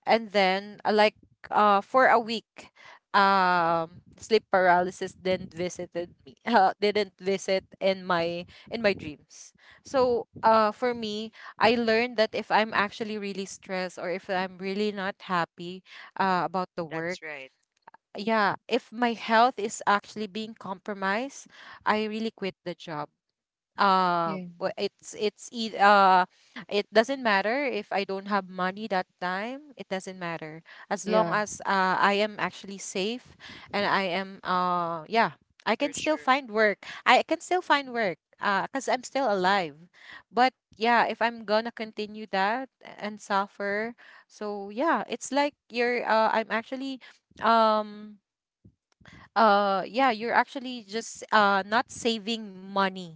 [SPEAKER 3] and then uh, like uh for a week, um sleep paralysis didn't visited me uh, didn't visit in my, in my dreams. So uh for me, I
[SPEAKER 1] mm-mm.
[SPEAKER 3] learned that if I'm actually really stressed or if I'm really not happy uh, about the
[SPEAKER 1] That's
[SPEAKER 3] work,
[SPEAKER 1] right,
[SPEAKER 3] yeah, if my health is actually being compromised, I really quit the job. um
[SPEAKER 2] Yeah.
[SPEAKER 3] wa- it's it's eith- uh It doesn't matter if I don't have money that time, it doesn't matter. As long
[SPEAKER 2] Yeah.
[SPEAKER 3] as uh I am actually safe, and I am, uh yeah, I
[SPEAKER 1] for
[SPEAKER 3] can
[SPEAKER 1] sure.
[SPEAKER 3] still find work, I can still find work uh because I'm still alive. But yeah, if I'm gonna continue that and suffer, so yeah, it's like you're uh I'm actually, um uh yeah, you're actually just uh not saving money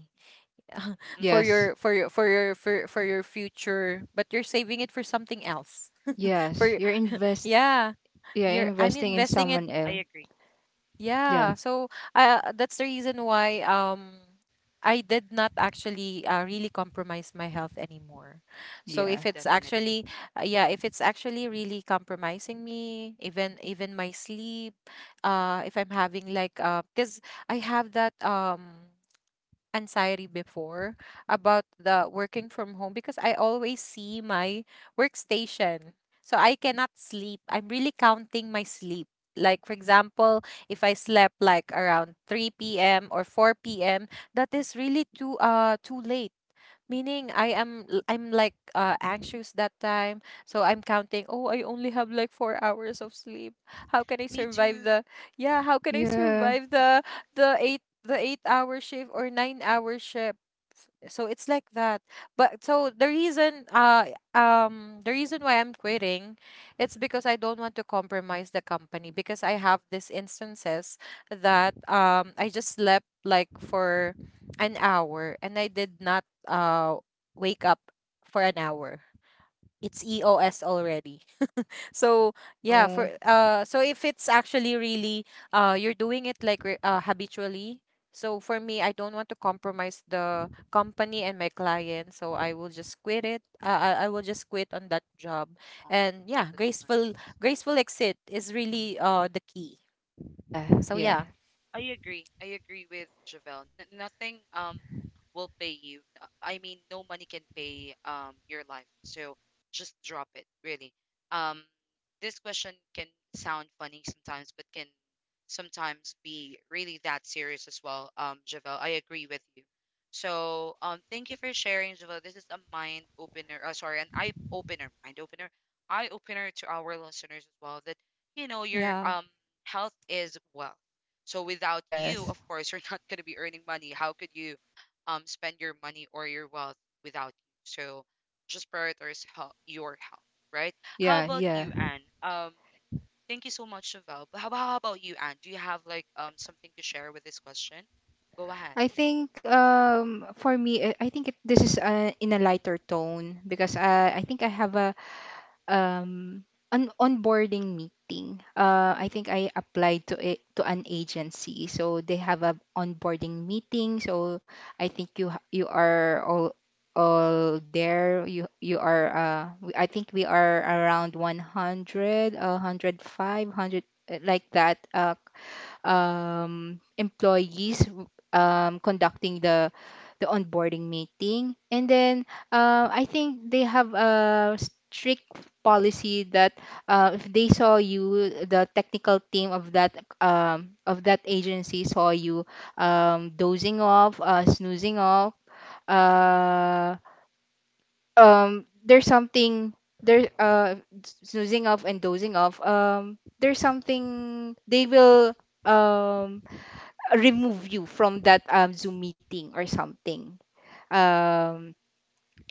[SPEAKER 3] for
[SPEAKER 1] Mm-mm.
[SPEAKER 3] your
[SPEAKER 2] Yes.
[SPEAKER 3] for your for your for, for your future, but you're saving it for something else for your,
[SPEAKER 2] Yes. You're invest.
[SPEAKER 3] yeah,
[SPEAKER 2] Yeah,
[SPEAKER 3] you're I'm
[SPEAKER 2] investing in
[SPEAKER 3] investing
[SPEAKER 1] I
[SPEAKER 3] it.
[SPEAKER 2] someone
[SPEAKER 1] agree,
[SPEAKER 2] else.
[SPEAKER 3] Yeah,
[SPEAKER 2] Yeah,
[SPEAKER 3] so uh, that's the reason why, um I did not actually uh, really compromise my health anymore. So if
[SPEAKER 2] yeah,
[SPEAKER 1] definitely.
[SPEAKER 3] it's actually uh, yeah, if it's actually really compromising me, even even my sleep, uh if I'm having like, uh because I have that, um anxiety before about the working from home, because I always see my workstation. So I cannot sleep. I'm really counting my sleep. Like, for example, if I slept like around three p m or four p m, that is really too uh too late, meaning I am l- I'm like uh, anxious that time. So I'm counting, oh, I only have like four hours of sleep. How can I
[SPEAKER 1] Me
[SPEAKER 3] survive
[SPEAKER 1] too.
[SPEAKER 3] the, yeah, how can I
[SPEAKER 2] yeah.
[SPEAKER 3] survive the the eight the eight hour shift or nine hour shift? So it's like that. But so the reason uh um the reason why I'm quitting, it's because I don't want to compromise the company, because I have these instances
[SPEAKER 1] Mm.
[SPEAKER 3] that um I just slept like for an hour and I did not uh wake up for an hour. It's E O S already. So
[SPEAKER 2] Oh
[SPEAKER 3] yeah, for
[SPEAKER 2] no.
[SPEAKER 3] uh so if it's actually really uh you're doing it like re- uh, habitually. So for me, I don't want to compromise the company and my client, so I will just quit it. Uh, I I will just quit on that job.
[SPEAKER 1] Oh,
[SPEAKER 3] And yeah,
[SPEAKER 1] that's
[SPEAKER 3] graceful
[SPEAKER 1] nice.
[SPEAKER 3] graceful exit is really uh the key.
[SPEAKER 2] Yeah,
[SPEAKER 3] So
[SPEAKER 1] Mm-mm.
[SPEAKER 3] yeah.
[SPEAKER 2] yeah,
[SPEAKER 1] I agree. I agree with Javelle. N- nothing um will pay you. N- I mean, no money can pay um your life. So just drop it, really. Um, this question can sound funny sometimes, but can sometimes be really that serious as well. Um, Javelle, I agree with you. So um, thank you for sharing, Javelle. This is a mind opener. Uh, sorry, an eye opener, mind opener, eye opener to our listeners as well. That you know
[SPEAKER 3] Yeah.
[SPEAKER 1] your um health is wealth, so without you, of
[SPEAKER 2] yes,
[SPEAKER 1] course, you're not going to be earning money. How could you um spend your money or your wealth without you? So just prioritize health, your health, right? How
[SPEAKER 2] yeah,
[SPEAKER 1] about you,
[SPEAKER 2] yeah.
[SPEAKER 1] Anne? Um, thank you so much, Chevelle. But how, how about you, Anne? Do you have like um something to share with this question? Go ahead.
[SPEAKER 2] I think um for me, I I think it, this is uh, in a lighter tone, because uh, I
[SPEAKER 1] Mm, mm,
[SPEAKER 2] think I have a um an onboarding meeting. Uh, I think I applied to a, to an agency, so they have a onboarding meeting. So I think you ha- you are all all there. You you are uh we- I think we are around one hundred, uh, one hundred five, one hundred uh, like that. Uh, um, employees um, conducting the the onboarding meeting. And then uh, I think they have a strict policy that uh, if they saw you, the technical team of that um, of that agency saw you um, dozing off, uh, snoozing off. Uh, um, there's something there uh snoozing off and dozing off, um there's something they will um remove you from that um, Zoom meeting or something. Um,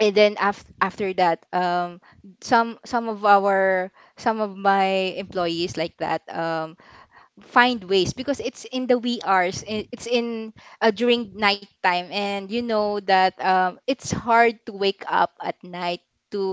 [SPEAKER 2] and then af- after that, um, some some of our some of my employees like that. Um, find ways, because it's in the wee hours, i- it's in uh, during nighttime, and you know that um, it's hard to wake up at night to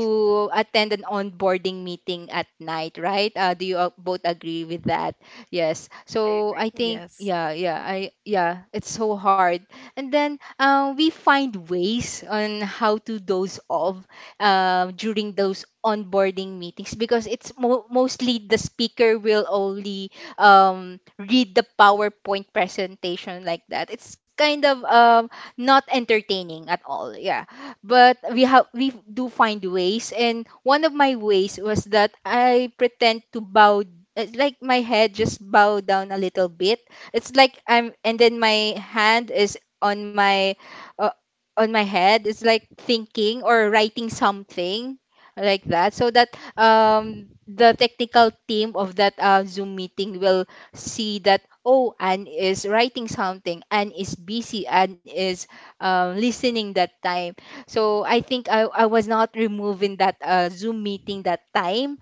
[SPEAKER 1] true.
[SPEAKER 2] attend an onboarding meeting at night, right? Uh, do you uh, both agree with that? Yes.
[SPEAKER 1] I
[SPEAKER 2] So
[SPEAKER 1] agree.
[SPEAKER 2] I think,
[SPEAKER 1] Definitely.
[SPEAKER 3] Yes.
[SPEAKER 2] yeah, yeah, I yeah it's so hard. And then uh, we find ways on how to doze off uh, during those onboarding meetings, because it's mo- mostly the speaker will only um, read the PowerPoint presentation like that. It's kind of um, not entertaining at all. Yeah, but we have, we do find ways, and one of my ways was that I pretend to bow. It's like my head just bow down a little bit. It's like I'm, and then my hand is on my uh, on my head. It's like thinking or writing something like that, so that um, the technical team of that uh, Zoom meeting will see that, oh, Anne is writing something, Anne is busy, Anne is um, listening that time. So I think I, I was not removed in that uh, Zoom meeting that time.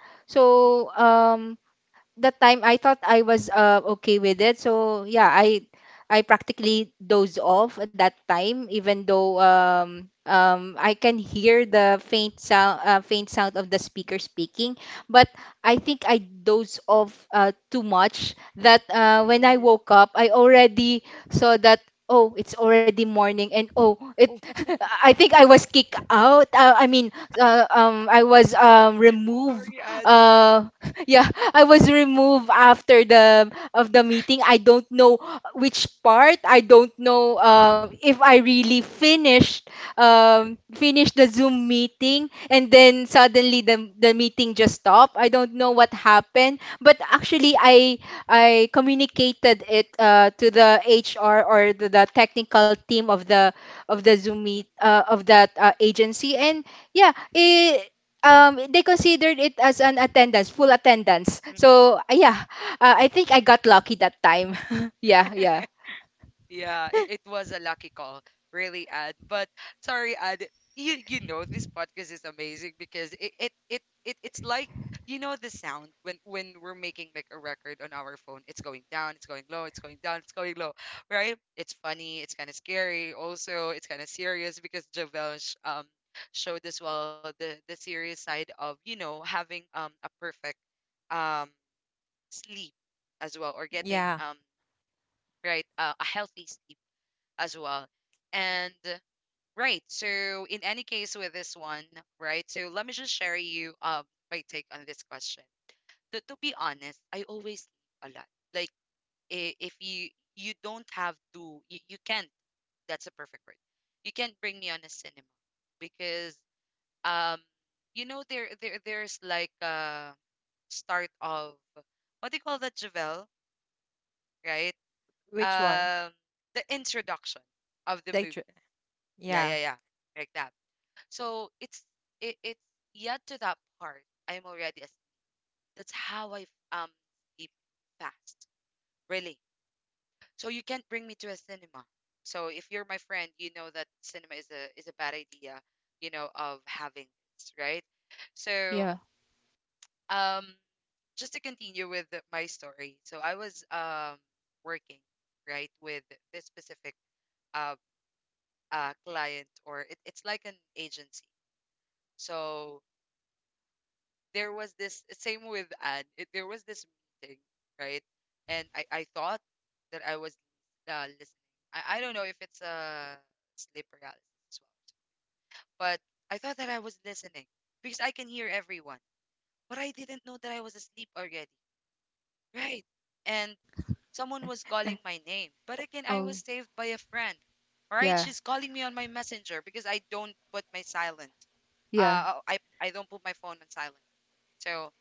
[SPEAKER 1] Mm, mm,
[SPEAKER 2] So um, that time I thought I was uh, okay with it. So yeah, I I practically dozed off at that time, even though um um I can hear the faint sound uh, faint sound of the speaker speaking. But I think I dozed off uh, too much that
[SPEAKER 1] you
[SPEAKER 2] uh, when I
[SPEAKER 1] did.
[SPEAKER 2] woke up, I already saw that. Oh, it's already morning, and oh, it.
[SPEAKER 1] Oh,
[SPEAKER 2] I think I was kicked out. Uh, I mean, uh, um I was um removed.
[SPEAKER 1] sorry, Anne.
[SPEAKER 2] uh yeah, I was removed after the of the meeting. I don't know which part. I don't know uh, if I really finished um finished the Zoom meeting, and then suddenly the the meeting just stopped. I don't know what happened, but actually I I communicated it uh, to the H R or the, the technical team of the of the Zoom meet uh, of that uh, agency, and yeah, it, um, they considered it as an attendance, full attendance. So uh, yeah, uh, I think I got lucky that time. Yeah, yeah,
[SPEAKER 1] Yeah, it, it was a lucky call, really, Ad. But sorry, Ad, you you know this podcast is amazing because it it it, it it's like, you know, the sound when when we're making like a record on our phone. It's going down, it's going low, it's going down, it's going low, right? It's funny, it's kind of scary. Also, it's kind of serious because Javel sh- um showed as well the the serious side of, you know, having um a perfect um sleep as well or getting
[SPEAKER 3] Yeah.
[SPEAKER 1] um right uh, a healthy sleep as well. And uh, right, so in any case with this one, right? So let me just share you um my take on this question. To, to be honest, I always sleep a lot. Like i- if you you don't have to, you, you can't. That's a perfect word. You can't bring me on a cinema because um you know there there there's like a start of what do you call that, Javel? Right?
[SPEAKER 3] Which one?
[SPEAKER 1] Um, the introduction of the
[SPEAKER 3] They
[SPEAKER 1] movie.
[SPEAKER 3] tr-
[SPEAKER 1] Yeah,
[SPEAKER 3] yeah.
[SPEAKER 1] yeah, yeah. Like that. So it's it, it's yet to that part. I'm already asleep. That's how I um sleep fast, really. So you can't bring me to a cinema. So if you're my friend, you know that cinema is a is a bad idea, you know, of having this, right? So
[SPEAKER 2] yeah.
[SPEAKER 1] um just to continue with the- my story. So I was um working, right, with this specific uh uh client or it, it's like an agency. So there was this same with Anne. It, there was this meeting, right? And I, I thought that I was uh, listening. I, I don't know if it's a sleep paralysis as well, but I thought that I was listening because I can hear everyone, but I didn't know that I was asleep already, right? And someone was calling my name, but again, I was
[SPEAKER 2] Oh,
[SPEAKER 1] saved by a friend. All right,
[SPEAKER 2] yeah,
[SPEAKER 1] she's calling me on my messenger because I don't put my silent.
[SPEAKER 2] yeah,
[SPEAKER 1] Uh, I I don't put my phone on silent. So.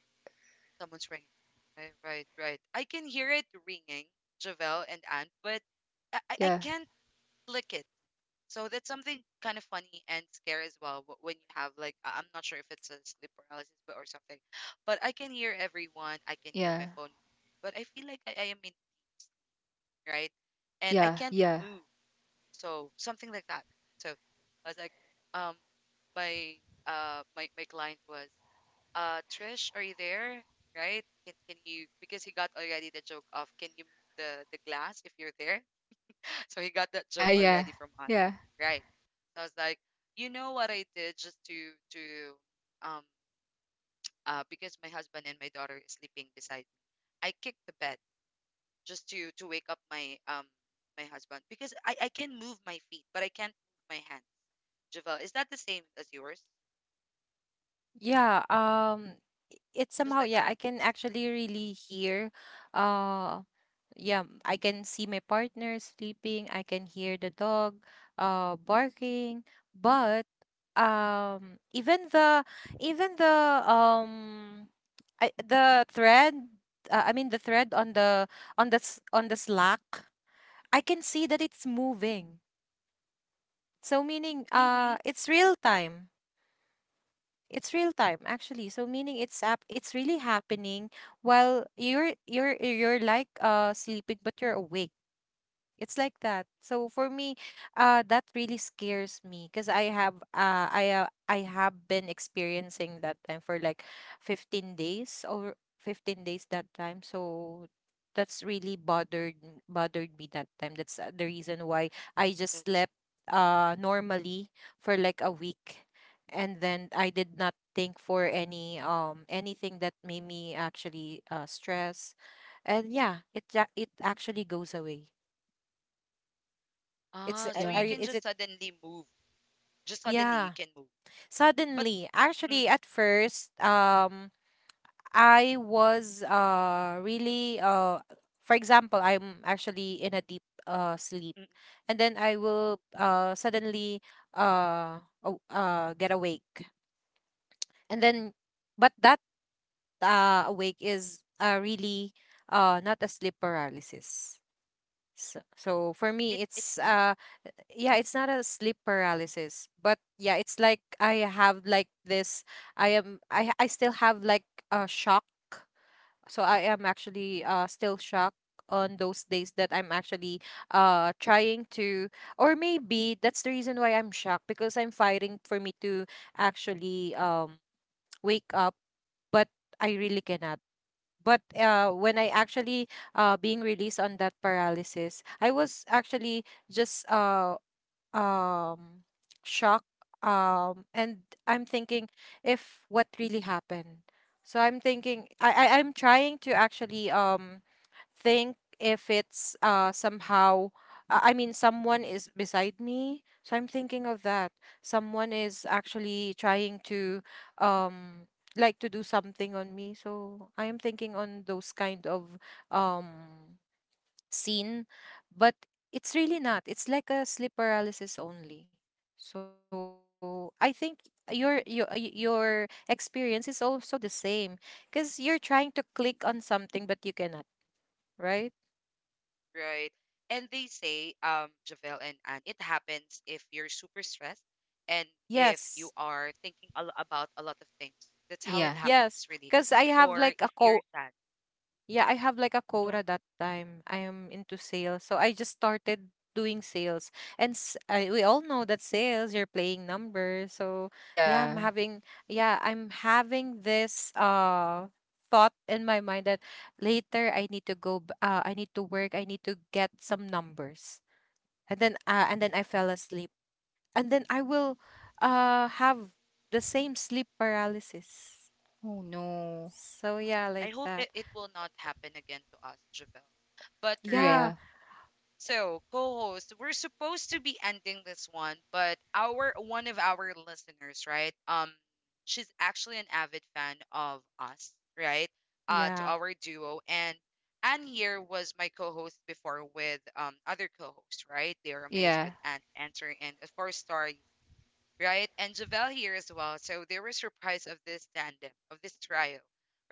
[SPEAKER 1] Someone's ringing. Right, right, right. I can hear it ringing, Javel and Anne, but I, I I
[SPEAKER 2] yeah,
[SPEAKER 1] can't click it. So that's something kind of funny and scary as well. wh- When you have like, I- I'm not sure if it's a sleep paralysis, but or something, but I can hear everyone. I can hear
[SPEAKER 2] yeah,
[SPEAKER 1] my phone ringing, but I feel like I, I am in Teams, right? And I
[SPEAKER 2] yeah,
[SPEAKER 1] can't
[SPEAKER 2] yeah,
[SPEAKER 1] move. So something like that. So I was like, um, my uh, my my client was, uh, Trish, are you there? Right? Can can you, because he got already the joke of, can you move the the glass if you're there? So he got that
[SPEAKER 2] yeah,
[SPEAKER 1] joke already from us.
[SPEAKER 2] yeah,
[SPEAKER 1] Right. So I was like, you know what I did just to to um uh because my husband and my daughter is sleeping beside me. I kicked the bed just to to wake up my um my husband because I I can move my feet, but I can't move my hands. Javel, is that the same as yours?
[SPEAKER 3] Yeah, um i- it's
[SPEAKER 1] Just
[SPEAKER 3] somehow,
[SPEAKER 1] like
[SPEAKER 3] yeah, I
[SPEAKER 1] that?
[SPEAKER 3] can actually really hear, uh yeah, I can see my partner sleeping, I can hear the dog uh barking, but um even the, even the um I, the thread, uh, I mean the thread on the, on the s- on the Slack, I can see that it's moving. So meaning uh
[SPEAKER 1] Really?
[SPEAKER 3] it's real time. It's real time, actually. So meaning it's app it's really happening while you're you're you're like uh sleeping but you're awake. It's like that. So for me, uh, that really scares me because I have uh, I uh, I have been experiencing that time for like fifteen days, or fifteen days that time. So that's really bothered m- bothered me that time. That's uh, the reason why I just
[SPEAKER 1] That's,
[SPEAKER 3] slept uh normally for like a week, and then I did not think for any um anything that made me actually uh stress. And yeah, it ja- it actually goes away. It's
[SPEAKER 1] ah,
[SPEAKER 3] uh,
[SPEAKER 1] so
[SPEAKER 3] are
[SPEAKER 1] you
[SPEAKER 3] you,
[SPEAKER 2] yeah.
[SPEAKER 1] can
[SPEAKER 3] is
[SPEAKER 1] just
[SPEAKER 3] it,
[SPEAKER 1] suddenly move, just suddenly you
[SPEAKER 3] yeah.
[SPEAKER 1] can move. But
[SPEAKER 3] Suddenly,
[SPEAKER 1] mm, mm,
[SPEAKER 3] actually at first, um I was uh really uh for example, I'm actually in a deep uh sleep,
[SPEAKER 1] mm,
[SPEAKER 3] and then I will uh suddenly uh aw- uh get awake. And then, but that uh, awake is uh, really uh, not a sleep paralysis. So, so for
[SPEAKER 1] it
[SPEAKER 3] me,
[SPEAKER 1] it's
[SPEAKER 3] it's
[SPEAKER 1] not.
[SPEAKER 3] uh, yeah, it's not a sleep paralysis, but yeah, it's like I have like this, I am, i i still have like a shock, so I am actually uh still shocked on those days that I'm actually uh trying to, or maybe that's the reason why I'm shocked, because I'm fighting for me to actually um wake up, but I really cannot. But uh when I actually uh being released on that
[SPEAKER 1] Mm,
[SPEAKER 3] paralysis, I was actually just uh um shock, um and I'm thinking if what really happened. So I'm thinking, i, I i'm trying to actually um think if it's uh somehow uh, I mean someone is beside me, so I'm thinking of that, someone is actually trying to um like to do something on me. So I am thinking on those kind of, um seen, but it's really not. It's like a sleep paralysis only. So I think your your uh, y- your experience is also the same, because you're trying to click on something but you cannot, right?
[SPEAKER 1] mm, right. And they say, um, Javel and Anne, it happens if you're super stressed and if you are
[SPEAKER 3] Yes.
[SPEAKER 1] thinking a lo- about a lot of things. That's how it
[SPEAKER 2] Yeah.
[SPEAKER 1] happens, really.
[SPEAKER 3] Yes, because I
[SPEAKER 1] Or
[SPEAKER 3] have
[SPEAKER 1] if
[SPEAKER 3] like
[SPEAKER 1] you're
[SPEAKER 3] a
[SPEAKER 1] sad.
[SPEAKER 3] co, yeah, I have like a
[SPEAKER 1] Go ahead.
[SPEAKER 3] quota that time. I am into sales. So I just started doing sales. And s I we all know that sales, you're playing numbers. So yeah, I'm
[SPEAKER 2] Yeah.
[SPEAKER 3] having, yeah, I'm having this uh thought in my mind that later I need to go b- uh I need to work, I need to get some numbers. And then uh, and then I fell asleep. And then I will uh have the same sleep paralysis.
[SPEAKER 2] Oh no.
[SPEAKER 3] So yeah,
[SPEAKER 1] I
[SPEAKER 3] like
[SPEAKER 1] hope
[SPEAKER 3] that.
[SPEAKER 1] it, it will not happen again to us, Javel. But right,
[SPEAKER 3] Yeah,
[SPEAKER 2] Yeah.
[SPEAKER 1] so, co-host, we're supposed to be ending this one, but our one of our listeners, right? Um, she's actually an avid fan of us, right? Uh, to
[SPEAKER 3] yeah.
[SPEAKER 1] our duo, and Anne here was my co-host before with um other co-hosts, right? They are amazed
[SPEAKER 2] Yeah.
[SPEAKER 1] with Anne answering, and of course, Star, right? And Javel here as well. So they were surprised of this tandem, of this trio,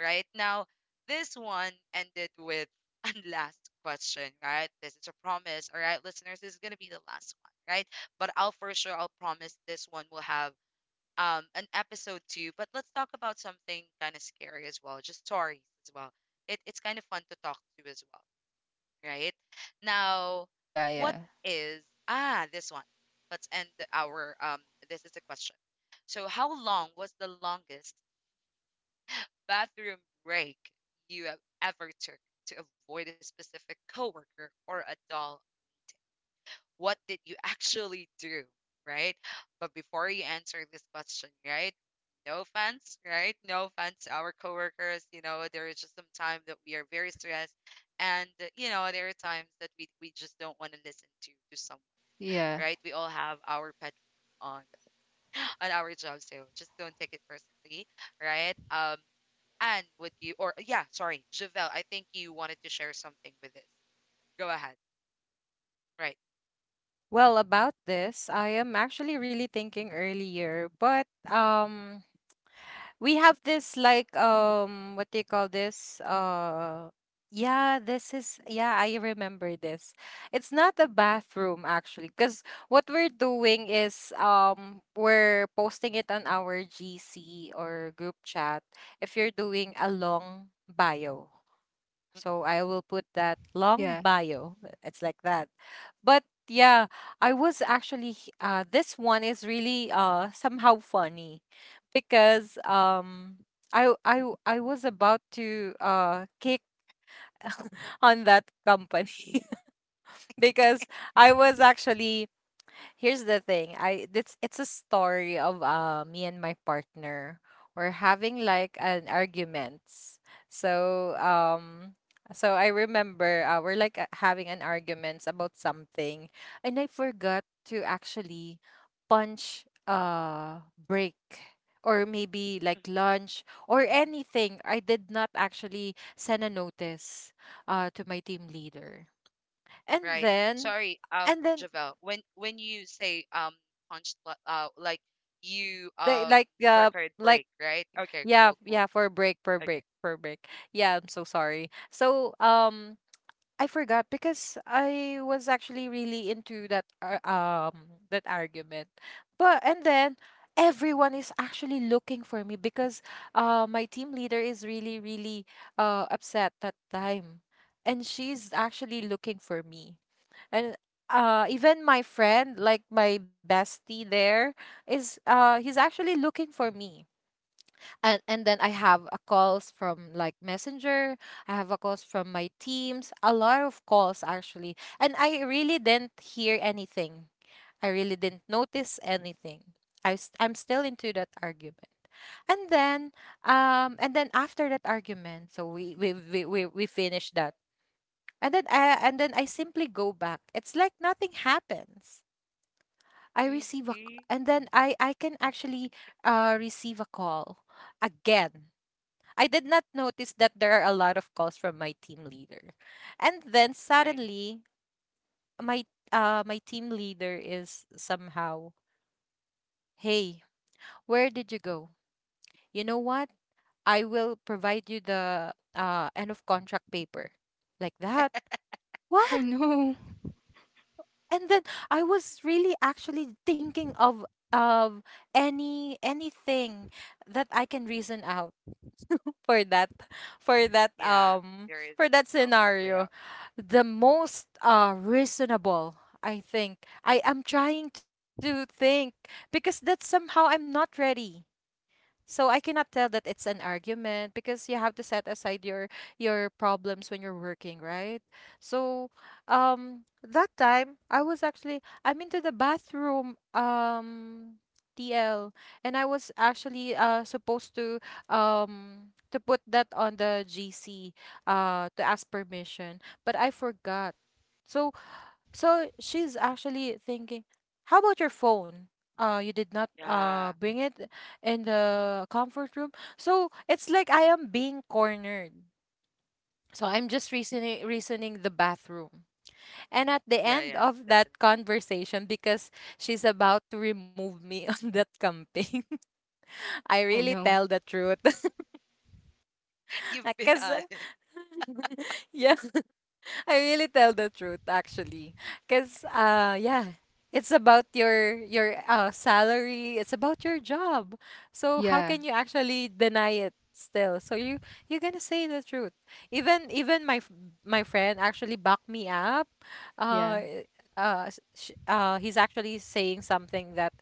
[SPEAKER 1] right? Now, this one ended with a last question, right? This is a promise, all right, listeners. This is gonna be the last one, right? But I'll for sure I'll promise this one will have um an episode two. But let's talk about something kind of scary as well, just stories as well. It, it's kind of fun to talk to as well, right? Now,
[SPEAKER 2] Yeah.
[SPEAKER 1] what
[SPEAKER 2] Yeah.
[SPEAKER 1] is ah this one? Let's end our um. This is the question. So, how long was the longest bathroom break you have ever took to avoid a specific coworker or a dull, what did you actually do, right? But before you answer this question, right? No offense, right? No offense, to our coworkers. You know, there is just some time that we are very stressed, and uh, you know, there are times that we we just don't want to listen to to someone,
[SPEAKER 2] Yeah.
[SPEAKER 1] right? We all have our pet peeves on on our job, so just don't take it personally, right? Um, and would you or yeah, sorry, Javel, I think you wanted to share something with this. Go ahead, right?
[SPEAKER 3] Well, about this, I am actually really thinking earlier, but um we have this like, um what do you call this? Uh yeah, this is, yeah, I remember this. It's not a bathroom actually, because what we're doing is, um we're posting it on our G C or group chat if you're doing a long bio. So I will put that long
[SPEAKER 2] Yeah.
[SPEAKER 3] bio. uh, It's like that. But yeah, I was actually h- uh this one is really uh somehow funny, because um I I I was about to uh kick on that company because I was actually, here's the thing, I it's it's a story of uh, me and my partner. We're having like an arguments, so um so I remember, uh, we're like uh, having an arguments about something, and I forgot to actually punch, uh break, or maybe like lunch or anything. I did not actually send a notice uh to my team leader, and
[SPEAKER 1] Right.
[SPEAKER 3] then,
[SPEAKER 1] Sorry, um,
[SPEAKER 3] and then
[SPEAKER 1] Javel. When when you say um punch li- uh like you
[SPEAKER 3] they
[SPEAKER 1] um
[SPEAKER 3] like uh
[SPEAKER 1] record
[SPEAKER 3] like
[SPEAKER 1] break, right? Okay,
[SPEAKER 3] Yeah,
[SPEAKER 1] cool, cool.
[SPEAKER 3] yeah, for break, for break,
[SPEAKER 1] Okay.
[SPEAKER 3] for break. Yeah, I'm so sorry. So, um, I forgot because I was actually really into that ar- um that argument. But and then everyone is actually looking for me, because uh my team leader is really really uh upset that time, and she's actually looking for me. And uh even my friend, like my bestie there, is uh he's actually looking for me. and and then I have a calls from like Messenger. I have a calls from my teams. A lot of calls actually, and I really didn't hear anything. I really didn't notice anything. I s- I'm still into that argument, and then um and then after that argument, so we we we we, we finish that, and then I and then I simply go back. It's like nothing happens. I receive a c-
[SPEAKER 1] Really?
[SPEAKER 3] and then I I can actually uh receive a call again. I did not notice that there are a lot of calls from my team leader. And then
[SPEAKER 1] Right.
[SPEAKER 3] suddenly my uh my team leader is somehow, "Hey, where did you go? You know what? I will provide you the uh end of contract paper." Like that.
[SPEAKER 2] Oh
[SPEAKER 3] What?
[SPEAKER 2] no.
[SPEAKER 3] And then I was really actually thinking of of any anything that I can reason out for that for that
[SPEAKER 1] Yeah. There
[SPEAKER 3] um
[SPEAKER 1] is
[SPEAKER 3] for that
[SPEAKER 1] no way out.
[SPEAKER 3] scenario, the most uh reasonable i think i am trying to think because that's somehow I'm not ready, so I cannot tell that it's an argument because you have to set aside your your problems when you're working, right? So um that time I was actually I'm into the bathroom, um T L, and I was actually uh supposed to um to put that on the G C uh to ask permission, but I forgot. So so she's actually thinking, how about your phone? Uh, you did not uh
[SPEAKER 1] Yeah.
[SPEAKER 3] bring it in the comfort room. So it's like I am being cornered. So I'm just reasoning reasoning the bathroom. And at the
[SPEAKER 1] Yeah,
[SPEAKER 3] end
[SPEAKER 1] yeah,
[SPEAKER 3] of
[SPEAKER 1] definitely.
[SPEAKER 3] that conversation, because she's about to remove me on that camping, I
[SPEAKER 2] Oh
[SPEAKER 3] really tell
[SPEAKER 2] no.
[SPEAKER 3] the truth.
[SPEAKER 1] You've been
[SPEAKER 3] Because
[SPEAKER 1] uh
[SPEAKER 3] yeah, I really tell the truth actually. Cause uh yeah, it's about your your uh salary, it's about your job. So how
[SPEAKER 2] Yeah.
[SPEAKER 3] can you actually deny it still? So you you're gonna say the truth. Even even my f- my friend actually backed me up. Uh
[SPEAKER 2] Yeah.
[SPEAKER 3] eh, uh, s- sh- uh he's actually saying something that,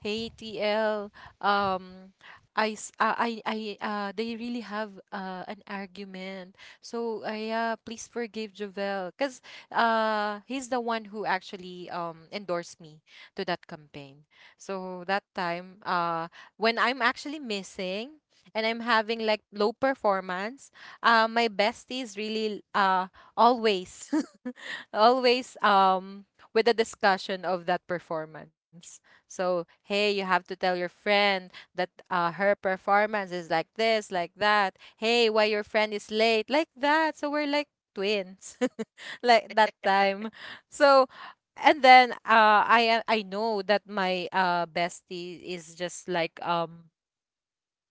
[SPEAKER 3] hey T L, um I s- uh, I I uh they really have uh an argument, so uh, yeah, please forgive Jovel because uh, he's the one who actually um, endorsed me to that campaign. So that time, uh, when I'm actually missing and I'm having like low performance, uh, my besties really uh, always, always, um, with the discussion of that performance. So, hey, you have to tell your friend that uh, her performance is like this, like that. Hey, why your friend is late? Like that. So we're like twins, like that time. So, and then uh, I I know that my uh, bestie is just like, um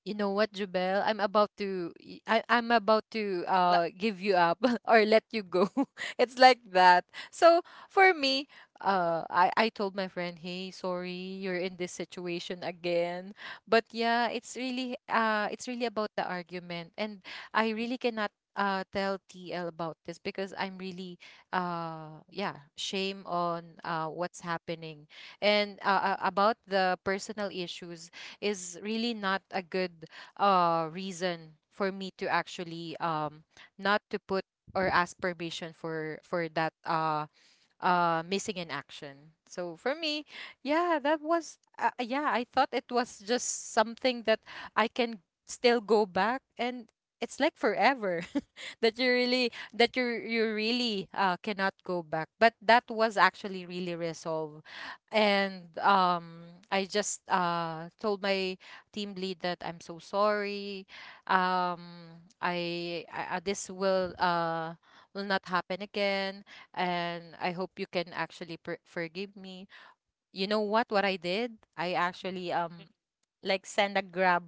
[SPEAKER 3] you know what, Jubel? I'm about to y- I am about to
[SPEAKER 1] like
[SPEAKER 3] uh give you up or let you go. It's like that. So for me, uh I, I told my friend, hey, sorry, you're in this situation again. But yeah, it's really uh it's really about the argument. And I really cannot uh tell T L about this because I'm really uh yeah, shame on uh what's happening. And uh, uh, about the personal issues is really not a good uh reason for me to actually um not to put or ask permission for for that uh uh missing in action. So for me, yeah, that was uh, yeah, I thought it was just something that I can still go back, and it's like forever that you really that you you really uh, cannot go back, but that was actually really resolved. And um I just uh told my team lead that I'm so sorry. Um i, I I- this will uh will not happen again, and I hope you can actually per- forgive me. You know what? What I did? I actually um like send a grab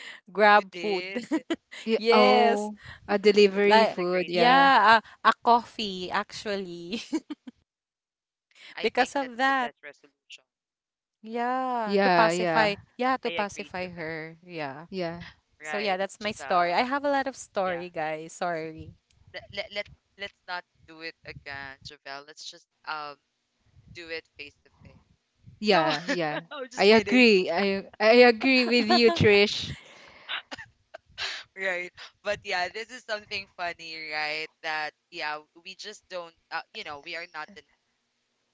[SPEAKER 1] you
[SPEAKER 3] grab food.
[SPEAKER 1] did.
[SPEAKER 2] Yeah.
[SPEAKER 1] You, you
[SPEAKER 3] Yes,
[SPEAKER 2] Oh, a delivery
[SPEAKER 1] it's
[SPEAKER 3] like
[SPEAKER 1] a
[SPEAKER 2] food.
[SPEAKER 1] great way
[SPEAKER 2] Yeah.
[SPEAKER 1] out.
[SPEAKER 3] yeah, a, a coffee actually
[SPEAKER 1] I think
[SPEAKER 3] because of
[SPEAKER 1] that's the
[SPEAKER 3] that.
[SPEAKER 1] best resolution.
[SPEAKER 3] Yeah, to
[SPEAKER 2] Yeah.
[SPEAKER 3] pacify.
[SPEAKER 2] Yeah.
[SPEAKER 3] Yeah,
[SPEAKER 1] I
[SPEAKER 3] to
[SPEAKER 1] agree,
[SPEAKER 3] pacify
[SPEAKER 1] Javel.
[SPEAKER 3] her. Yeah.
[SPEAKER 2] Yeah.
[SPEAKER 3] So yeah,
[SPEAKER 1] Right.
[SPEAKER 3] that's my story.
[SPEAKER 1] Javel.
[SPEAKER 3] I have a lot of
[SPEAKER 1] Yeah.
[SPEAKER 3] story, guys. Sorry.
[SPEAKER 1] let, let, let let's not do it again, Javel. Let's just um do it face to face. No,
[SPEAKER 2] Yeah. Yeah.
[SPEAKER 1] I'm
[SPEAKER 2] I
[SPEAKER 1] just kidding,
[SPEAKER 2] agree. I I agree with you, Trish.
[SPEAKER 1] right? But yeah, this is something funny, right? That yeah, we just don't, uh, you know, we are not the,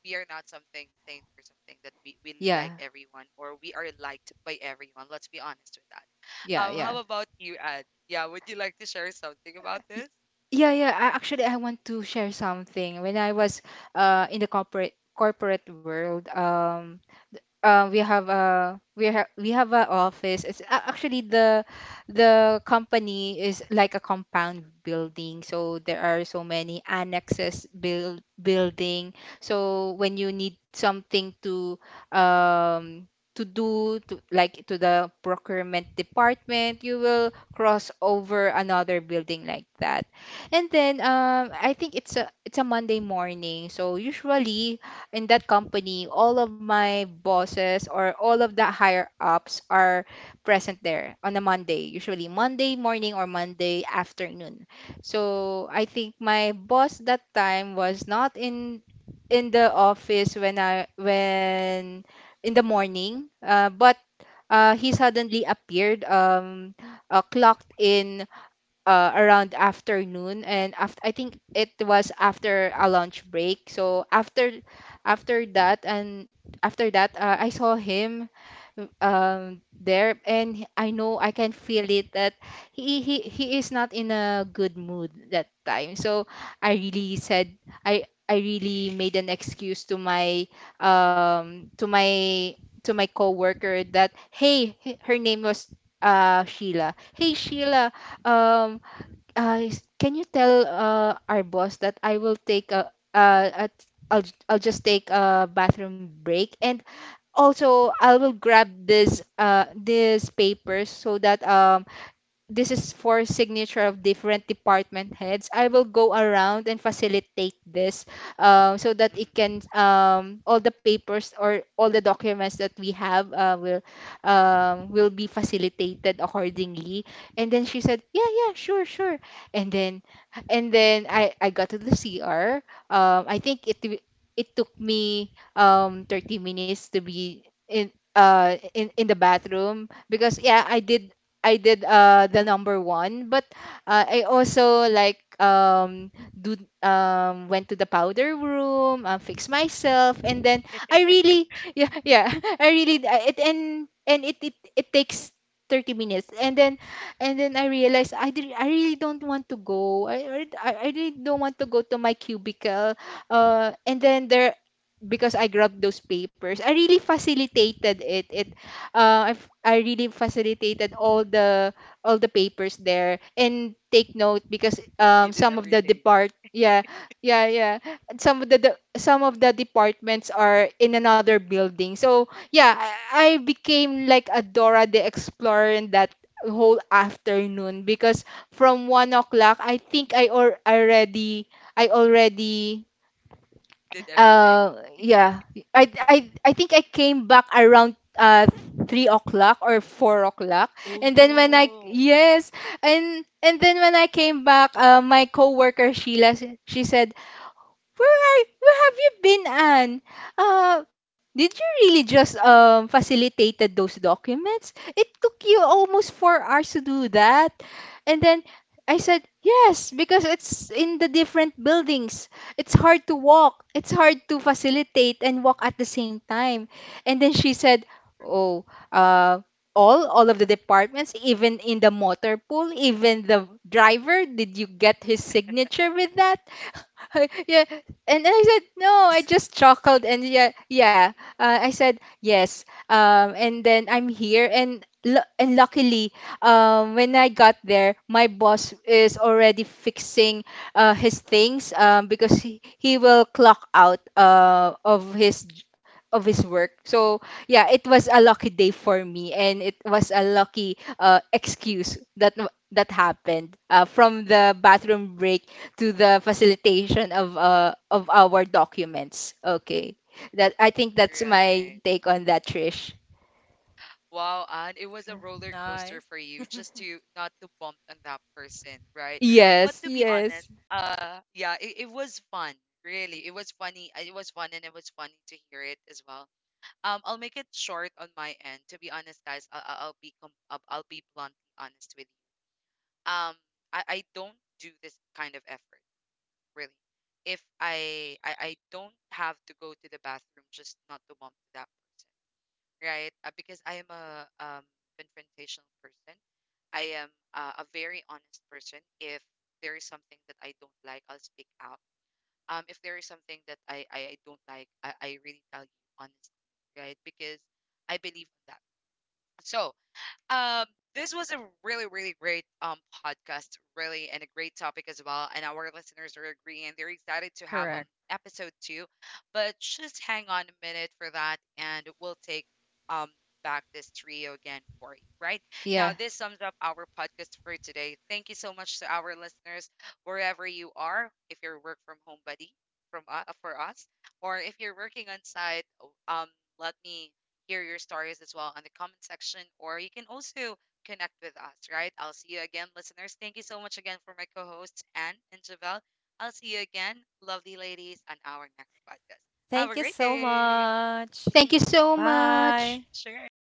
[SPEAKER 1] we are not something saint or something that we we like
[SPEAKER 2] Yeah.
[SPEAKER 1] everyone or we are liked by everyone. Let's be honest with that.
[SPEAKER 2] Yeah.
[SPEAKER 1] Um,
[SPEAKER 2] Yeah.
[SPEAKER 1] how about you, Ad? Yeah, would you like to share something about
[SPEAKER 2] Y-
[SPEAKER 1] this?
[SPEAKER 2] Yeah, yeah. I, actually, I want to share something. When I was uh in the corporate corporate world, um, Uh, we have a we have we have a office. It's a- actually, the the company is like a compound building, so there are so many annexes build building. So when you need something to um to do to, like to the procurement department, you will cross over another building like that. And then um I think it's a it's a Monday morning, so usually in that company, all of my bosses or all of the higher ups are present there on a Monday, usually Monday morning or Monday afternoon. So I think my boss that time was not in in the office when I when in the morning, uh, but uh, he suddenly appeared, um, uh, clocked in uh, around afternoon, and after, I think it was after a lunch break. So after after that, and after that uh, I saw him um there, and I know I can feel it that he, he he is not in a good mood that time. So I really said, I I really made an excuse to my um to my to my coworker, that hey, h- her name was uh Sheila. Hey Sheila, um
[SPEAKER 1] Mm-mm,
[SPEAKER 2] uh, s- can you tell uh, our boss that I will take a uh, at I'll j- I'll just take a bathroom break, and also I will grab this uh these papers, so that um this is for signature of different department heads. I will go around and facilitate this, um, so that it
[SPEAKER 1] mm-mm.
[SPEAKER 2] can um, all the papers or all the documents that we have uh, will um, will be facilitated accordingly. And then she said, yeah, yeah, sure, sure. And then and then I I got to the C R. Um, I think it w- it took me um thirty minutes to be in uh in in the bathroom, because yeah I did I did uh the number one, but uh, I also like um do um went to the powder room, uh, fix myself, and then I really, yeah, yeah, I really d- I- it, and and it it it takes. thirty minutes. And then and then I realized I, did, I really don't want to go. I, I I I really don't want to go to my cubicle, uh and then there, because I grabbed those papers, I really facilitated it it uh, I've, I really facilitated all the all the papers there. And take note, because um,
[SPEAKER 1] You
[SPEAKER 2] some
[SPEAKER 1] did
[SPEAKER 2] of the
[SPEAKER 1] everything.
[SPEAKER 2] depart yeah, yeah, yeah. And some of the, the some of the departments are in another building. So yeah, I, I became like a Dora the Explorer in that whole afternoon, because from one o'clock, I think I or already, I already
[SPEAKER 1] Did everything.
[SPEAKER 2] uh, yeah. I I I think I came back around uh three o'clock or four o'clock, and
[SPEAKER 1] Oh
[SPEAKER 2] then when I,
[SPEAKER 1] no.
[SPEAKER 2] yes, and and then when I came back, uh, my coworker Sheila, s- she said, "Where are where have you been, Anne? Uh, did you really just um facilitated those documents? It took you almost four hours to do that." And then I said, yes, because it's in the different buildings. It's hard to walk. It's hard to facilitate and walk at the same time. And then she said, oh, uh, all, all of the departments, even in the motor pool, even the driver, did you get his signature with that? Yeah. And I said, no, I just chuckled. And yeah, yeah. Uh, I said, yes. Um, and then I'm here. And, lu- and luckily, um, when I got there, my boss is already fixing uh, his things, um, because he, he will clock out uh, of his j- of his work. So yeah, it was a lucky day for me, and it was a lucky uh, excuse that w- that happened uh, from the bathroom break to the facilitation of uh, of our documents. Okay, that, I think that's my
[SPEAKER 1] Right.
[SPEAKER 2] take on that, Trish.
[SPEAKER 1] Wow, and it was a roller
[SPEAKER 3] Nice.
[SPEAKER 1] coaster for you just to not to bump on that person, right? But
[SPEAKER 2] Yes,
[SPEAKER 1] to be honest,
[SPEAKER 2] yes,
[SPEAKER 1] uh yeah, it, it was fun. Really. It was funny. uh, It was fun and it was funny to hear it as well. Um, I'll make it short on my end. To be honest, guys, I I- I'll be com I'll I'll be bluntly honest with you. Um, I I don't do this kind of effort, really. If I I I don't have to go to the bathroom just not to bump to that person, right? Uh, because I am a um, confrontational person. I am uh, a very honest person. If there is something that I don't like, I'll speak out. Um, if there is something that I, I, I don't like, I, I really tell you honestly, right? Because I believe in that. So, um, this was a really, really great um podcast, really, and a great topic as well. And our listeners are agreeing; they're excited to have
[SPEAKER 3] Correct.
[SPEAKER 1] um episode two. But just hang on a minute for that, and we'll take um back this trio again for you. Right
[SPEAKER 2] yeah.
[SPEAKER 1] now, this sums up our podcast for today. Thank you so much to our listeners, wherever you are, if you're a work from home buddy from uh, for us, or if you're working on site. Um, let me hear your stories as well on the comment section, or you can also connect with us, right? I'll see you again, listeners. Thank you so much again for my co hosts, Anne and Javelle. I'll see you again, lovely ladies, on our next podcast.
[SPEAKER 3] Thank
[SPEAKER 1] Have
[SPEAKER 3] you
[SPEAKER 1] a great
[SPEAKER 3] so
[SPEAKER 1] day.
[SPEAKER 3] much.
[SPEAKER 2] Thank you
[SPEAKER 1] Mhm.
[SPEAKER 2] so much.
[SPEAKER 3] Bye.
[SPEAKER 1] Sure.